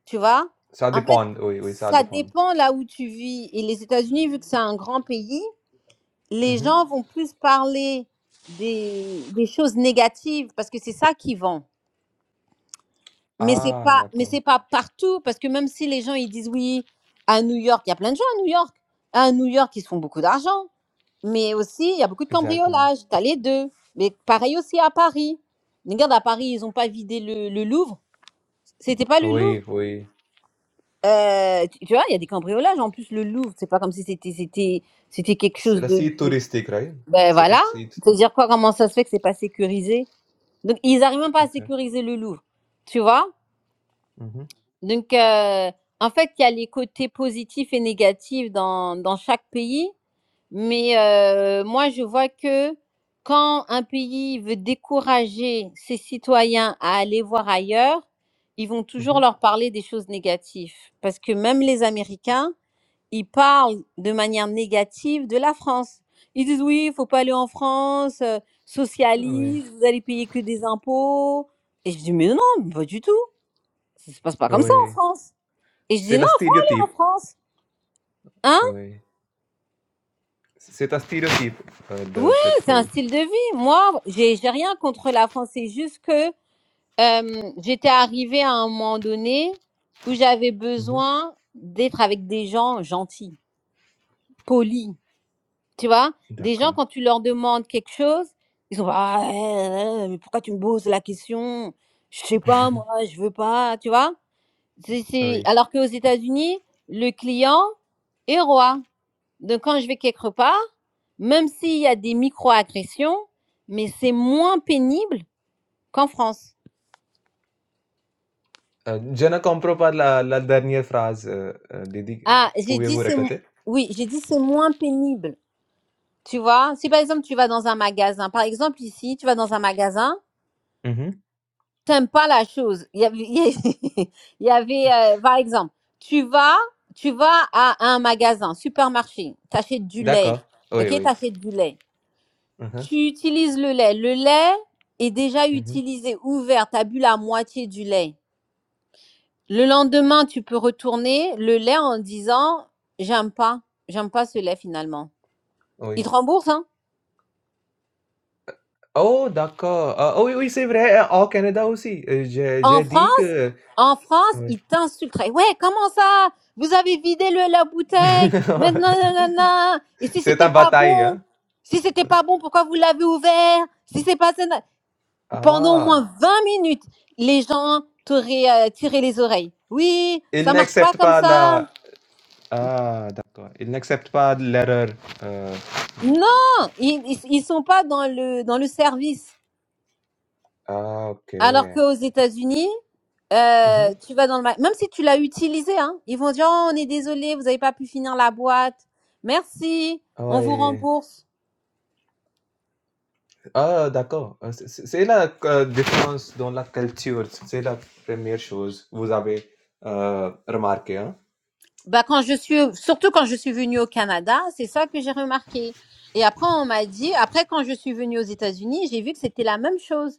tu vois.
ça
En fait,
dépend. Oui, oui, ça
ça
dépend.
dépend là où tu vis. Et les États-Unis, vu que c'est un grand pays,
Mmh
les gens vont plus parler des, des choses négatives parce que c'est ça qui vend. Mais c'est
Ah,
pas, mais
d'accord.
c'est pas partout parce que même si les gens ils disent oui à New York, il y a plein de gens à New York. À New York, ils se font beaucoup d'argent, mais aussi il y a beaucoup de
Exactement.
cambriolages. T'as les deux. Mais pareil aussi à Paris. Regarde à Paris, ils ont pas vidé le, le Louvre. C'était pas le
Oui,
Louvre.
oui.
Euh, tu, tu vois, il y a des cambriolages. En plus, le Louvre, c'est pas comme si c'était c'était c'était quelque
C'est
chose
le
de,
site touristique, right?
Ben
C'est un
voilà.
site tou
Faut dire quoi, comment ça se fait que c'est pas sécurisé? Donc, ils arrivent même pas à
exact.
sécuriser le Louvre. Tu vois?
Mmh mh.
Donc, euh, en fait, il y a les côtés positifs et négatifs dans, dans chaque pays. Mais euh, moi, je vois que quand un pays veut décourager ses citoyens à aller voir ailleurs, ils vont
Mmh
toujours leur parler des choses négatives. Parce que même les Américains, ils parlent de manière négative de la France. Ils disent oui, il faut pas aller en France, euh,
Oui,
socialiste, vous allez payer que des impôts. Et je dis mais non, pas du tout. Ça se passe pas comme ça en
oui.
France. Et je
C'est
dis
la
non en
stéréotype.
France. Hein
Oui. C'est un stéréotype, heu,
Oui,
de cette
c'est un
pays.
style de vie. Moi, j'ai j'ai rien contre la France. C'est juste que euh, j'étais arrivée à un moment donné où j'avais
Mmh
besoin d'être avec des gens gentils, polis. Tu vois? Des gens,
D'accord.
quand tu leur demandes quelque chose, ils sont: «Ah, eh, eh, mais pourquoi tu me poses la question? Je sais pas moi,
(laughs)
je veux pas», tu vois? C'est c'est
Oui.
alors qu'aux États-Unis, le client est roi. Donc quand je vais quelque part, même s'il y a des micro-agressions, mais c'est moins pénible qu'en France.
Heu, je ne comprends pas (laughs) la la dernière phrase, heu heu, Didi, Euh,
Ah, j'ai dit
pouvez-vous
c'est m
répéter?
oui, j'ai dit: «C'est moins pénible», tu vois? Si par exemple, tu vas dans un magasin, par exemple ici, tu vas dans un magasin
Mmh
t'aimes pas la chose. Il y avait, (laughs) il y avait, euh, par exemple, tu vas, tu vas à un magasin, supermarché, t'achètes du lait,
D'accord. Oui,
ok,
oui.
t'achètes du lait.
Hein hein.
Tu utilises le lait. Le lait est déjà
Mmh
utilisé, ouvert, t'as bu la moitié du lait. Le lendemain, tu peux retourner le lait en disant, j'aime pas, j'aime pas ce lait finalement. Ils te
Oui.
remboursent,
Oh d'accord. Ah oui, oui, c'est vrai, heu, au Canada aussi, heu, j'ai
En
j'ai dit
France,
que
en France,
oui.
ils t'insulteraient. Ouais, comment ça Vous avez vidé le, la bouteille Maintenant,
(laughs)
nanana. Et si
C'est un
c'était pas
bataille,
bon
hein?
Si c'était pas bon, pourquoi vous l'avez ouvert Si c'est pas ça- pendant au moins
Ah!
20 minutes, les gens t'auraient euh, tiré les oreilles. Oui,
il
ça marche pas
n'accepte
comme
pas la
ça.
Ah, d'accord. Il n'accepte pas l'erreur, heu
Non, ils, ils, ils sont pas dans le dans le service.
Ah, OK.
Alors qu'aux États-Unis,
Mmh
euh,
mh.
tu vas dans le magasin, même si tu l'as utilisé, hein, ils vont dire oh, on est désolé, vous n'avez pas pu finir la boîte, merci, on vous
Ouais.
rembourse.
Ah, d'accord. Heu, c'est c'est c'est la q différence dans la culture, c'est la 1re chose, vous avez, heu, remarqué, hein?
Bah quand je suis, surtout quand je suis venue au Canada, c'est ça que j'ai remarqué. Et après on m'a dit, après quand je suis venue aux États-Unis, j'ai vu que c'était la même chose.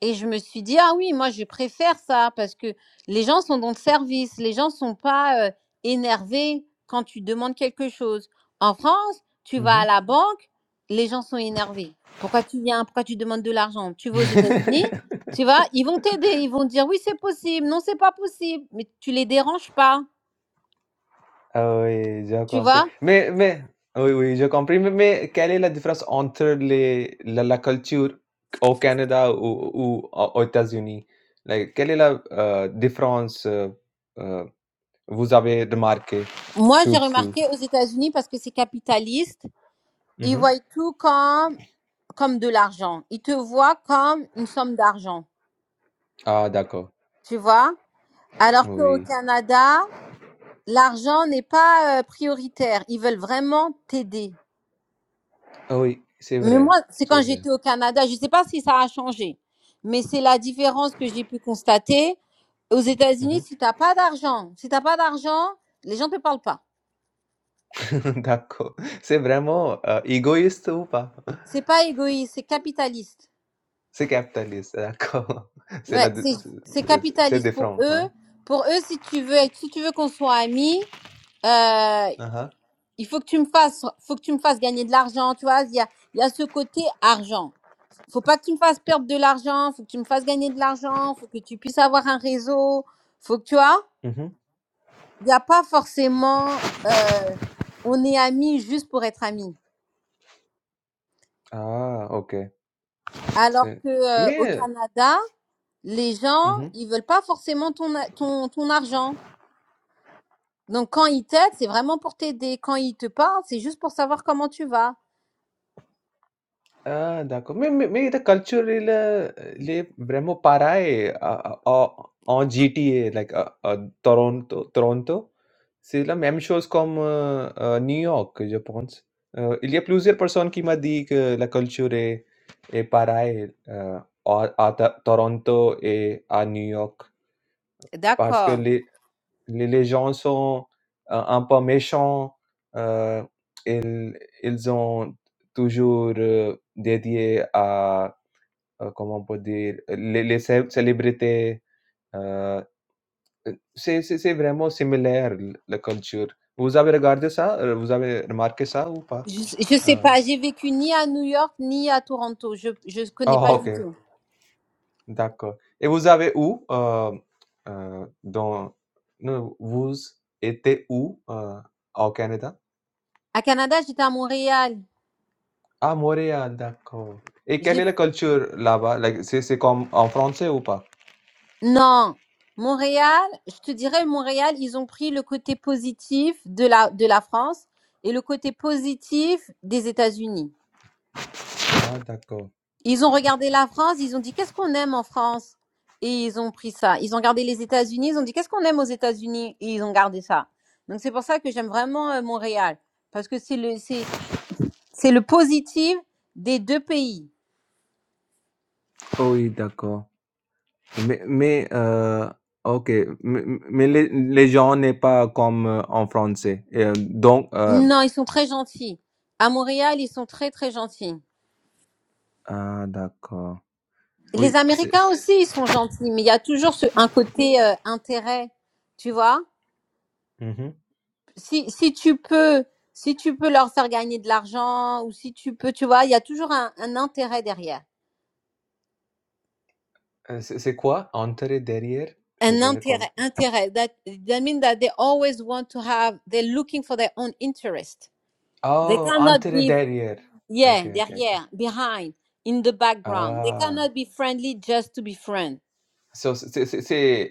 Et je me suis dit, ah oui, moi, je préfère ça parce que les gens sont dans le service, les gens sont pas euh, énervés quand tu demandes quelque chose. En France, tu vas
Mmh
à la banque, les gens sont énervés. Pourquoi tu viens Pourquoi tu demandes de l'argent Tu vas aux États-Unis, tu vois, ils vont
(laughs)
t'aider, ils vont te dire, oui, c'est possible, non, c'est pas possible, mais tu les déranges pas,
Ah oui, j'ai
tu
compris.
vois.
Mais mais oui, oui, j'ai compris. Mais mais quelle est la différence entre les la la culture au Canada ou ou au aux États-Unis? Like, quelle est la, heu, différence, heu heu, vous avez remarqué
Moi, j'ai
surtout?
remarqué aux États-Unis parce que c'est capitaliste,
Mmh
ils voient tout comme, comme de l'argent. Ils te voient comme une somme d'argent.
Ah d'accord,
tu vois. Alors qu'au
oui.
Canada, l'argent n'est pas euh, prioritaire. Ils veulent vraiment t'aider.
Ah Oui, c'est
Mais moi,
vrai,
c'est
c'est
quand
vrai.
j'étais au Canada, je ne sais pas si ça a changé, mais c'est la différence que j'ai pu constater. Aux
Mmh
États-Unis, si t'as pas d'argent, si t'as pas d'argent, les gens te parlent pas.
(laughs) D'accord. C'est vraiment, heu, égoïste ou pas?
C'est pas égoïste, c'est capitaliste.
C'est capitaliste, d'accord. (laughs) C'est
Ouais,
la
c'est c'est
c'est c'est
capitaliste pour
différent,
eux.
hein.
Pour eux, si tu veux, si tu veux qu'on soit amis, euh,
Hein hein.
Il faut que tu me fasses, faut que tu me fasses gagner de l'argent, tu vois. Il y a, il y a ce côté argent. Faut pas que tu me fasses perdre de l'argent, faut que tu me fasses gagner de l'argent, faut que tu puisses avoir un réseau, faut que tu vois.
Mmh
Il n'y a pas forcément, euh, on est amis juste pour être amis.
Ah, okay.
Alors
So,
que euh, au
me
Canada, les gens,
Mhm.
ils veulent pas forcément ton, a- ton, ton argent. Donc quand ils t'aident, c'est vraiment pour t'aider. Quand ils te parlent, c'est juste pour savoir comment tu vas.
Ah, d'accord. Mais mais mais the cultural uh, le vraiment pareil uh, uh, en GTA like uh, uh, Toronto Toronto. C'est la même chose comme euh, euh, New York, je pense. Euh, il y a plusieurs personnes qui m'ont dit que la culture est, est pareille euh, à, à Ta- Toronto et à New York parce que
D'accord.
les, Les les gens sont, heu, un peu méchants, heu, ils ils ont toujours, heu, dédié à, heu, comment on peut dire? Les les cé célébrités, heu, c'est c'est c'est vraiment similaire l la culture. Vous avez regardé ça? Heu, vous avez remarqué ça ou pas?
Je ne
Heu,
sais
ah
pas, j'ai vécu ni à New York ni à Toronto. Je ne connais pas
Oh,
du
OK,
tout.
d'accord et vous avez où, heu heu, dans non, vous étiez où, heu, au Canada?
À Canada, j'étais à Montréal.
Ah, Montréal, d'accord. Et quelle est
J'ai
la culture là-bas? Like, c'est c'est comme en français ou pas?
non. Montréal, je te dirais Montréal, ils ont pris le côté positif de la de la France et le côté positif des États-Unis.
Ah, d'accord.
Ils ont regardé la France, ils ont dit qu'est-ce qu'on aime en France et ils ont pris ça. Ils ont regardé les États-Unis, ils ont dit qu'est-ce qu'on aime aux États-Unis et ils ont gardé ça. Donc c'est pour ça que j'aime vraiment euh, Montréal parce que c'est le c'est C'est le positif des deux pays.
Oh oui, d'accord. Mais, mais euh, ok, mais, mais les, les gens n'est pas comme euh, en français. Et, euh, donc, euh,
Non, ils sont très gentils. À Montréal, ils sont très très gentils.
ah, d'accord.
Les
Oui, c'est
Américains aussi, ils sont gentils, mais il y a toujours ce, un côté euh, intérêt, tu vois.
Mhm.
Si si tu peux, si tu peux leur faire gagner de l'argent ou si tu peux, tu vois, il y a toujours un, un intérêt derrière.
Euh, C'est c'est quoi? Entrée, derrière? Euh,
An
Je ne
intérêt,
comprends.
intérêt. That that means that they always want to have. They're looking for their own interest. They
Oh,
cannot
entrée,
be
derrière. Ok,
Yeah,
ok, ok.
derrière, behind, in the background. They
Ah.
cannot be friendly just to be friend.
So say, say,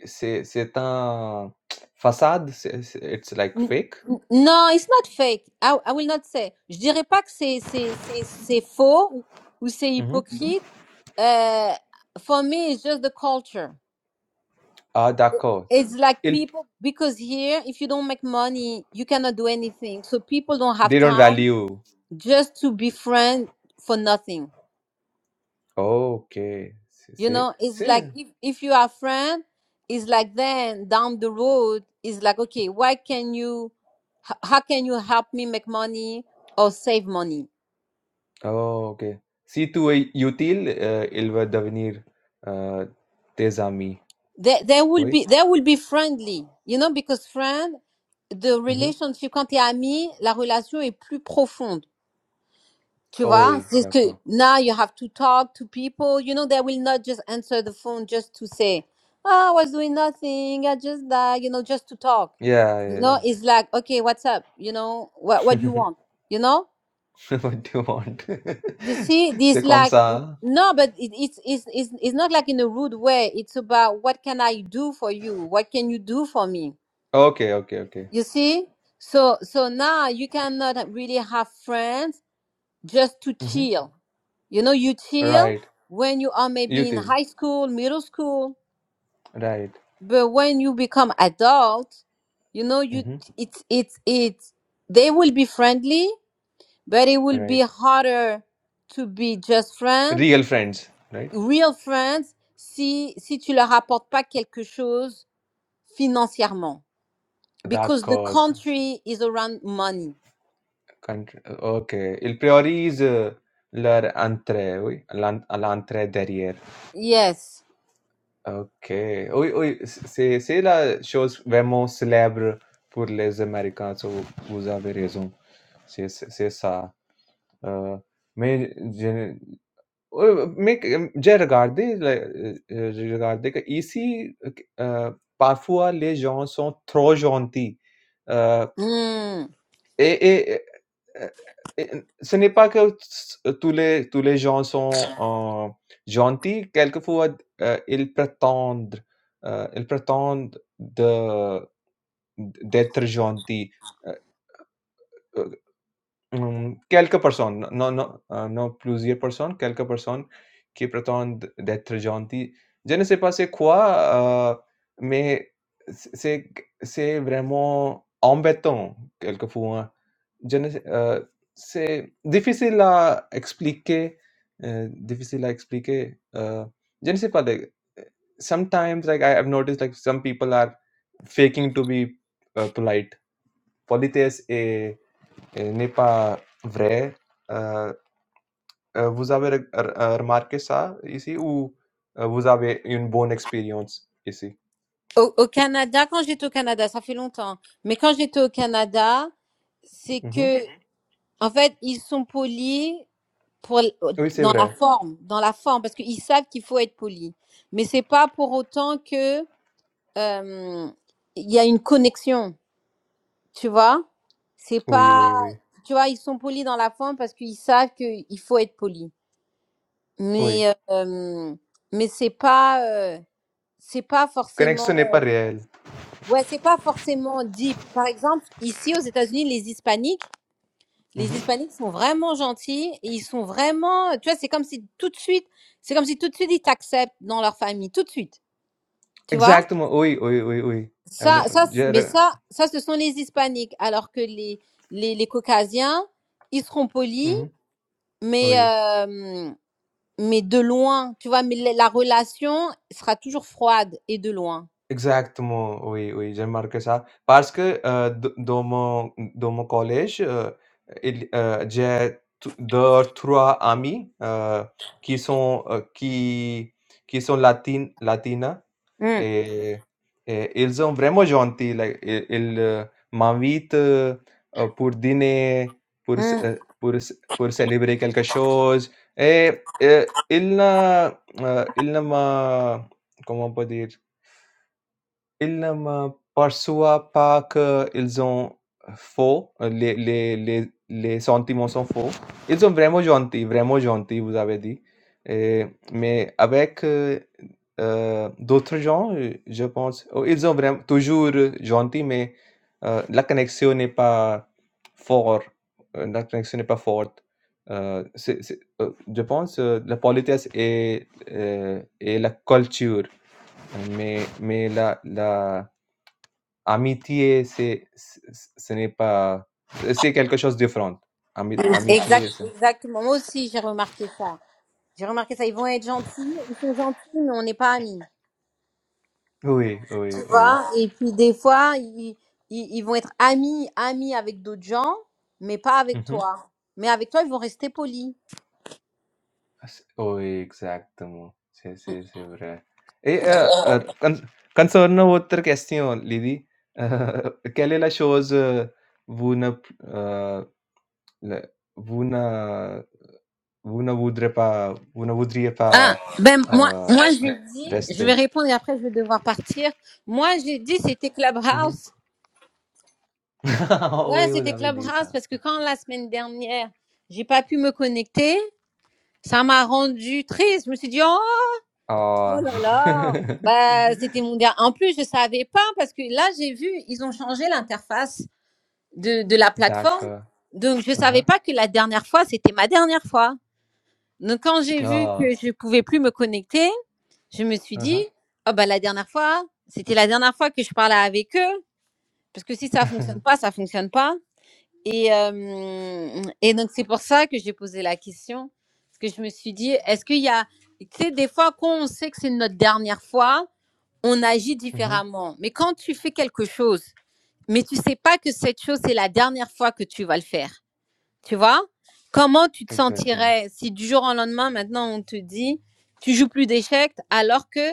say, say c'est un façade, c'est c'est it's like
N-
fake?
n- No, it's not fake. I, I will not say. Je dirais pas que c'est c'est c'est c'est faux ou ou c'est
Mmh mh.
hypocrite. Uh, for me, it's just the culture.
Ah d'accord.
It's like
Ils
people because here, if you don't make money, you cannot do anything. So people don't have
they don't
time
value.
just to be friend for nothing.
Oh, OK. C'est
You
c'est
know, it's like
c'est
if, if you are friend, it's like then down the road, it's like, okay, why can you, h- how can you help me make money or save money?
oh OK. Si tu es utile, heu, il va devenir, heu, tes amis.
They, they will
Oui?
be, they will be friendly, you know, because friend, the
Mmh
relationship, quand t'es ami, la relation est plus profonde. Tu
Oh
vois,
oui,
c'est que
d'accord.
now you have to talk to people. You know, they will not just answer the phone just to say, oh, I was doing nothing. I just that, you know, just to talk.
Yeah, yeah, yeah.
No, it's like, okay, what's up? You know, what what you
(laughs)
want? You know?
What do you want?
You see,
(laughs) C'est
this
comme
like
ça,
n-
hein?
no, but it, it's it's it's it's not like in a rude way. It's about what can I do for you? What can you do for me?
OK, OK, OK.
You see? So so now you cannot really have friends just to
Mmh
chill. You know, you chill
Right.
when you are maybe in
Utile.
high school, middle school,
Right.
but when you become adult, you know, you
Mmh
it's it's it's they will be friendly, but it will
Right.
be harder to be just friends,
Real friends, right?
real friends, si si tu leur apportes pas quelque chose financièrement,
Dark
because the
cause.
country is around money.
Country. Ok. Ils priorisent leur entrée, oui. l'en- à L'entrée derrière.
Yes.
Ok. Oui, oui. C'est c'est la chose vraiment célèbre pour les Américains. so vous avez raison. C'est c'est- c'est ça. Euh, mais je- euh, mais que- j'ai regardé, la- euh, euh, j'ai regardé que ici, euh, parfois les gens sont trop gentils. Euh,
Hmm.
Et et heu et ce n'est pas que s euh, tous les tous les gens sont, heu, gentils. Quelquefois, heu, ils prétendent, heu, ils prétendent de d'être gentils. Heu, Mhmm, Quelca-Person, no no uh, no plusieurs personnes, quelques personnes qui prétendent d d'être gentilles. Je ne sais pas c'est quoi, heu, mais c c'est q c'est vraiment embêtant quelquefois. Je ne sais heu, c'est difficile à expliquer, heu, difficile à expliquer. Heu, je ne sais pas, like, eh, sometimes, like, I have noticed, like, some people are faking to be, uh, polite. Politesse est Et N'est pas vrai, heu heu, vous avez re re remarqué ça ici ou euh, vous avez une bonne expérience ici?
Au, au Canada, quand j'étais au Canada, ça fait longtemps, mais quand j'étais au Canada, c'est
Mmh mh.
que, Mhm. en fait, ils sont polis pour, l-
Oui, c'est
dans la
vrai.
forme, dans la forme, parce qu'ils savent qu'il faut être poli. Mais c'est pas pour autant que, euh, il y a une connexion, tu vois? C'est
Oui, oui,
pas,
oui.
tu vois, ils sont polis dans la forme parce qu'ils savent qu'il faut être poli.
Oui.
Mais, euh, mais c'est pas, euh, c'est pas forcément.
Connexion n'est pas réelle.
Ouais, c'est pas forcément deep. Par exemple, ici aux États-Unis, les Hispaniques,
Mmh
les
mh.
Hispaniques sont vraiment gentils et ils sont vraiment, tu vois, c'est comme si tout de suite, c'est comme si tout de suite ils t'acceptent dans leur famille, tout de suite. Tu vois?
Exactement. Oui, oui, oui, oui. Ah non,
Ça, ça,
je
c- mais
re
ça, ça, ce sont les Hispaniques, alors que les, les, les Caucasiens, ils seront polis,
mmh mh.
mais,
Oui.
euh, mais de loin, tu vois, mais la, la relation sera toujours froide et de loin.
Exactement, oui, oui, j'ai remarqué ça. Parce que euh, d- dans mon, dans mon collège, euh, il- euh, j'ai t- deux ou trois amis euh, qui sont, euh, qui, qui sont latin, latinas
Hum,
et, et ils sont vraiment gentils. like, ils ils, euh, m'invitent euh, euh, pour dîner, pour, c-
hum.
euh, pour, c- pour célébrer quelque chose. Et, euh, ils ne, euh, ils ne m'a, comment on peut dire? Ils ne me persuivent pas qu'ils ont faux, les les les les sentiments sont faux. Ils sont vraiment gentils, vraiment gentils, vous avez dit. Et- mais avec euh, euh, d'autres gens, euh, je pense, oh, ils sont vraiment toujours gentils, mais euh, la connexion n'est pas forte. Euh, La connexion n'est pas forte. Heu, c'est c'est heu, je pense, heu, la politesse et heu, et la culture, mais mais la la amitié, c'est ce ce n'est pas c'est quelque chose de différent. Ami
Exact,
amitié, c'est
exactement. Moi aussi, j'ai remarqué ça. J'ai remarqué ça. Ils vont être gentils, ils sont gentils, mais on n'est pas amis.
Oui,
Tu
oui, oui.
vois Et puis des fois, ils, ils, ils vont être amis, amis avec d'autres gens, mais pas
Mmh
avec toi. Mais avec toi, ils vont rester polis.
As- Oh, exacto, Sí, sí, sí, verdad. Eh, uh, uh, con- concerno otra cuestión, Lidi. (laughs) Uh, ¿Qué le la shows uh, una uh, la- una una vudre pa una vudrie
Ah,
pa
ben moi,
uh,
moi j'ai dit, je vais
reste.
répondre et après je vais devoir partir. Moi j'ai dit c'était
Mhm.
Clubhouse.
(laughs) Oh,
Ouais,
eu
c'était
da
Clubhouse
vedisa.
parce que quand la semaine dernière j'ai pas pu me connecter, ça m'a rendu triste. Je me suis dit oh
Oh.
Oh là là, bah, c'était
(laughs)
mondial. En plus, je savais pas parce que là, j'ai vu, ils ont changé l'interface de, de la plateforme.
D'accord.
Donc, je savais
Aham.
pas que la dernière fois, c'était ma dernière fois. Donc, quand j'ai vu
Oh.
que je pouvais plus me connecter, je me suis dit,
Aham.
oh bah, la dernière fois, c'était la dernière fois que je parlais avec eux. Parce que si ça fonctionne pas, ça fonctionne pas. Et, euh, et donc, c'est pour ça que j'ai posé la question. Parce que je me suis dit, est-ce qu'il y a. Tu sais, des fois, quand on sait que c'est notre dernière fois, on agit
Uhum.
différemment. Mais quand tu fais quelque chose, mais tu sais pas que cette chose, c'est la dernière fois que tu vas le faire, tu vois Comment tu te
Exacto. (laughs)
sentirais si du jour au lendemain, maintenant, on te dit, tu joues plus d'échecs alors que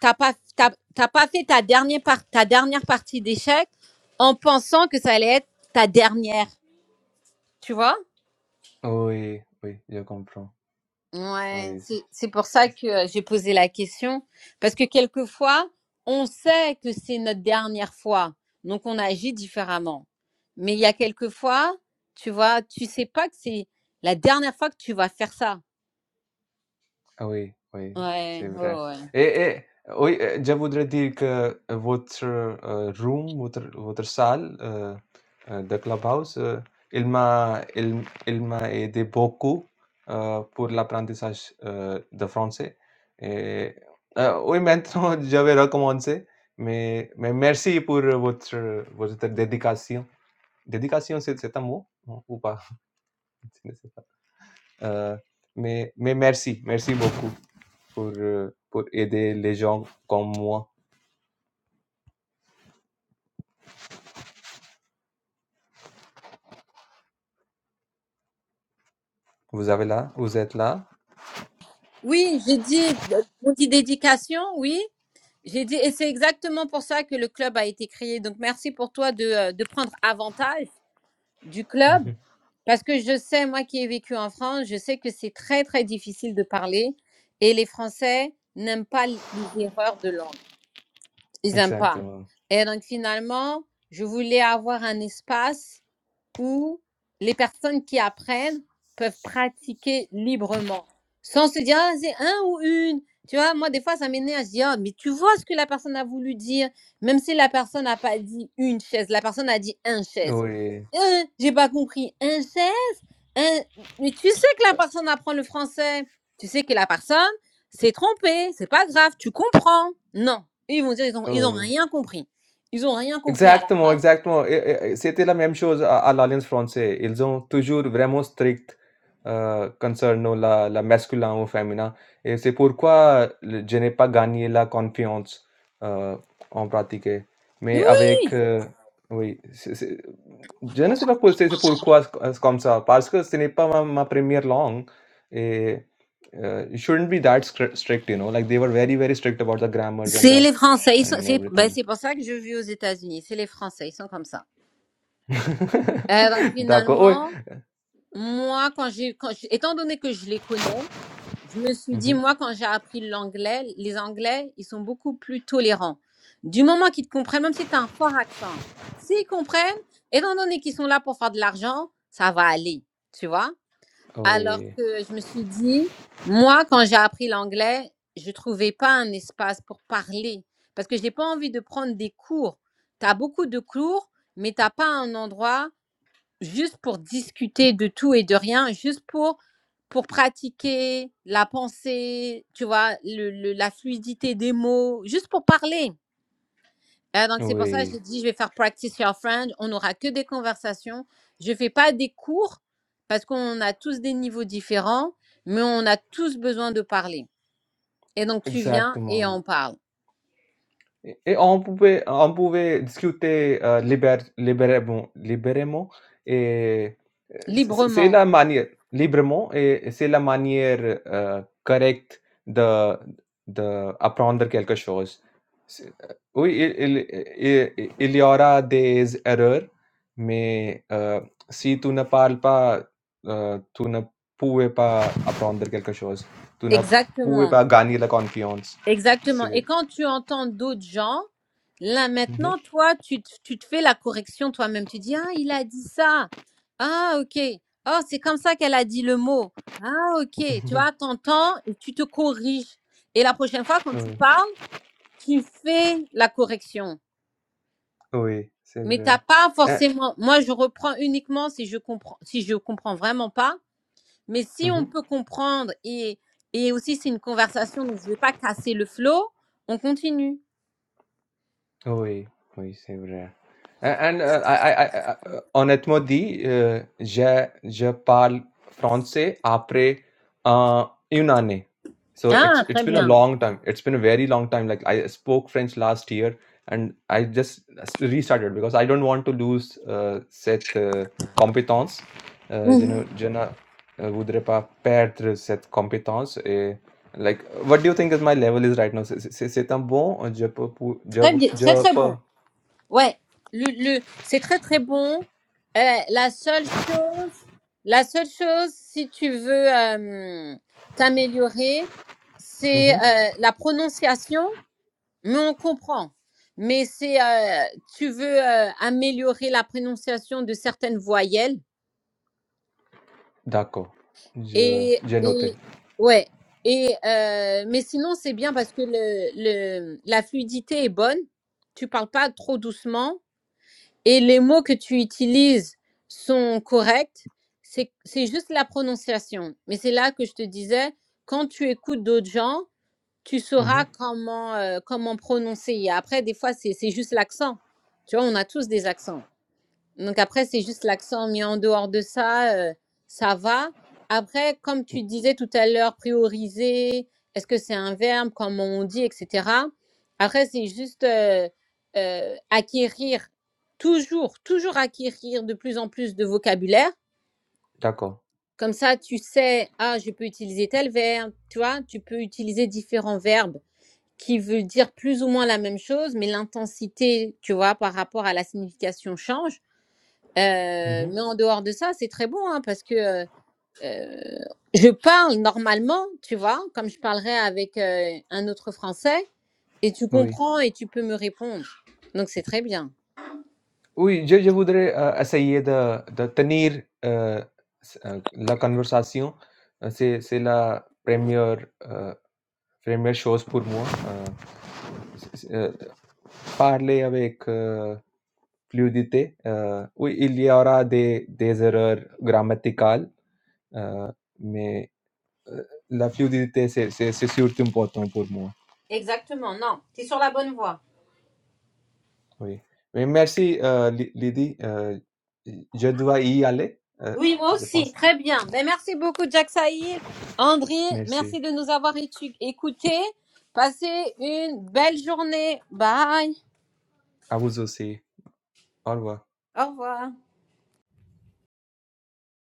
t'as pas, t'as, t'as pas fait ta dernière, par- ta dernière partie d'échecs en pensant que ça allait être ta dernière, tu vois
Oui, oui, je comprends.
Ouais,
Oui, c-
c'est c'est pour
c-
ça
c-
que euh, j'ai posé la question. Parce que quelquefois, on sait que c'est notre dernière fois. Donc, on agit différemment. Mais il y a quelquefois, tu vois, tu sais pas que c'est la dernière fois que tu vas faire ça.
oui, oui,
Ouais,
c'est
ouais,
vrai.
ouais.
Et, et, oui, euh, je voudrais dire que votre euh, room, votre, votre salle euh, euh, de Clubhouse, euh, il m'a, il, il m'a aidé beaucoup euh, pour l'apprentissage euh, de français. Et, euh, oui, maintenant, (laughs) je vais recommencer. Mais, mais (laughs) merci pour votre, votre dédication. Dédication, c'est c'est un mot ou pas? (laughs) Euh, mais, mais merci, merci beaucoup pour, euh, pour aider les gens comme moi. Vous avez là, vous êtes là.
Oui, j'ai dit, on dit dédication, oui. J'ai dit, et c'est exactement pour ça que le club a été créé. Donc, merci pour toi de, euh, de prendre avantage du club
(laughs)
Parce que je sais, moi qui ai vécu en France, je sais que c'est très, très difficile de parler et les Français n'aiment pas l- les erreurs de langue. Ils n'aiment pas.
Exactement.
Et donc, finalement, je voulais avoir un espace où les personnes qui apprennent peuvent pratiquer librement, sans se dire, ah, c'est un ou une. Tu vois, moi, des fois, ça m'énerve. Je dis, Ah, mais tu vois ce que la personne a voulu dire, même si la personne n'a pas dit une chaise, la personne a dit un chaise.
Oui,
Hein, j'ai pas compris. Un chaise? Un... Mais tu sais que la personne apprend le français. Tu sais que la personne s'est trompée. C'est pas grave. Tu comprends. Non. Ils vont dire, ils ont, ils ont
oui.
rien compris. Ils ont rien compris à la
Exacto,
phrase.
exacto. E e e, se ter la même chose à à l'Alliance Française. Ils ont toujours vraiment strict euh, concernant la, la masculin ou féminin. Et c'est pourquoi le- je n'ai pas gagné la confiance euh, en pratique.
Oui,
Mais avec... euh, oui, c'est- c'est- je ne sais pas pour- c'est c'est pourquoi c'est c'est comme ça. Parce que ce n'est pas ma, ma première langue. Et uh, it shouldn't be that stri- strict, you know. Like they were very, very strict about the grammars and
C'est
the
les Français. Ils sont,
and
c'est, ben,
everything.
c'est pour ça que je vis aux États-Unis. C'est les Français. Ils sont comme ça. Euh, donc
(laughs) D'accord, oui.
finalement, moi, quand j'ai, quand j'ai- étant donné que je les connais, je me suis
Mmh
dit, moi, quand j'ai appris l'anglais, les Anglais, ils sont beaucoup plus tolérants. Du moment qu'ils te comprennent, même si tu as un fort accent, s'ils comprennent, étant donné qu'ils sont là pour faire de l'argent, ça va aller. Tu vois? Alors
Oui,
que je me suis dit, moi, quand j'ai appris l'anglais, je trouvais pas un espace pour parler parce que j'ai pas envie de prendre des cours. Tu as beaucoup de cours, mais t'as pas un endroit juste pour discuter de tout et de rien, juste pour pour pratiquer la pensée, tu vois, le- le- la fluidité des mots, juste pour parler. Ah, donc, c'est pour ça que
oui,
j'ai dit, je vais faire practice your French On n'aura que des conversations. Je ne fais pas des cours parce qu'on a tous des niveaux différents, mais on a tous besoin de parler. Et donc, tu viens et
exactement.
on parle
Et et on pouvait on pouvait discuter, heu, libère libérément libérément et heu, c'est c'est c'est
librement.
la manière librement et c'est la manière, heu, correcte de d'apprendre quelque chose. C'est, heu, oui, il il i il y aura des erreurs, mais heu, si tu ne parles pas, heu, tu ne pouvais pas apprendre quelque chose. Tu ne pouvais
Exactement.
pas gagner la confiance.
Exactement.
C'est
Et quand tu entends d'autres gens, là
mmh
maintenant, toi, tu, te- tu te fais la correction toi-même. Tu dis, ah, il a dit ça. Ah, ok. Oh, c'est comme ça qu'elle a dit le mot. Ah, ok. Tu
(laughs)
vois, t'entends et tu te corriges. Et la prochaine fois, quand tu
Oui,
parles, tu fais la correction.
oui, c'est
Mais t'as
vrai.
pas
Et
forcément. Moi, je reprends uniquement si je comprends, si je comprends vraiment pas. Mais
mmh
si on
mh.
peut comprendre et et aussi c'est une conversation, donc je vais pas casser le flow. On continue.
Oui, oui, c'est vrai. Et and, heu, I I I I heu, honnêtement dit, heu, je je parle français après, uh, 1 année. So
Ah,
it's it's
très
been a
bien.
long time. It's been a very long time. Like, I spoke French last year, and I just restarted because I don't want to lose, uh cette, heu, compétence. Heu, je
Mhm.
ne je ne, heu, voudrais pas perdre cette compétence Like, what do you think is my level is right now? Se- se- se- Se tam bom ou já pa- pu- já
Très
pa-
bien, très
já
très bon.
pa-
Ouais, le, le c'est très très bon. Euh, la seule chose, la seule chose, si tu veux euh, t'améliorer, c'est
Uhum.
euh, la prononciation. Mais on comprend. Mais c'est euh, tu veux euh, améliorer la prononciation de certaines voyelles.
D'accord. Je-
Et,
J'ai
et
noté.
ouais. Et euh, mais sinon c'est bien parce que le, le la fluidité est bonne. Tu parles pas trop doucement et les mots que tu utilises sont corrects. C'est c'est juste la prononciation. Mais c'est là que je te disais quand tu écoutes d'autres gens, tu sauras
Mhm.
comment euh, comment prononcer. Et après des fois c'est c'est juste l'accent. Tu vois, on a tous des accents. Donc après, c'est juste l'accent mis en dehors de ça, euh, ça va. Après, comme tu disais tout à l'heure, prioriser, est-ce que c'est un verbe, comme on dit, etc. Après, c'est juste euh, euh, acquérir, toujours, toujours acquérir de plus en plus de vocabulaire.
D'accord.
Comme ça, tu sais, ah, je peux utiliser tel verbe, tu vois, tu peux utiliser différents verbes qui veulent dire plus ou moins la même chose, mais l'intensité, tu vois, par rapport à la signification change.
Mmh
Euh,
mh.
mais en dehors de ça, c'est très bon hein, parce que euh, je parle normalement, tu vois, comme je parlerais avec euh, un autre Français, et tu
Oui.
comprends et tu peux me répondre. Donc c'est très bien.
Oui, je je voudrais, heu, essayer de de tenir, heu, s heu, la conversation. Heu, c'est c'est la première, heu, première chose pour moi, heu euh, parler avec euh, fluidité. euh, oui, il y aura des, des erreurs grammaticales, euh, mais euh, la fluidité, c'est c'est- c'est surtout important pour moi.
Exactement, non, tu es sur la bonne voie.
Oui. Mais merci, euh, Li- Lydie. euh, je dois y aller, euh,
Oui, moi
je
aussi,
pense.
très bien. Ben, merci beaucoup, Jack Sahil. André,
Merci.
merci de nous avoir étu- écoutés. Passez une belle journée. Bye.
À vous aussi. Au revoir.
Au revoir.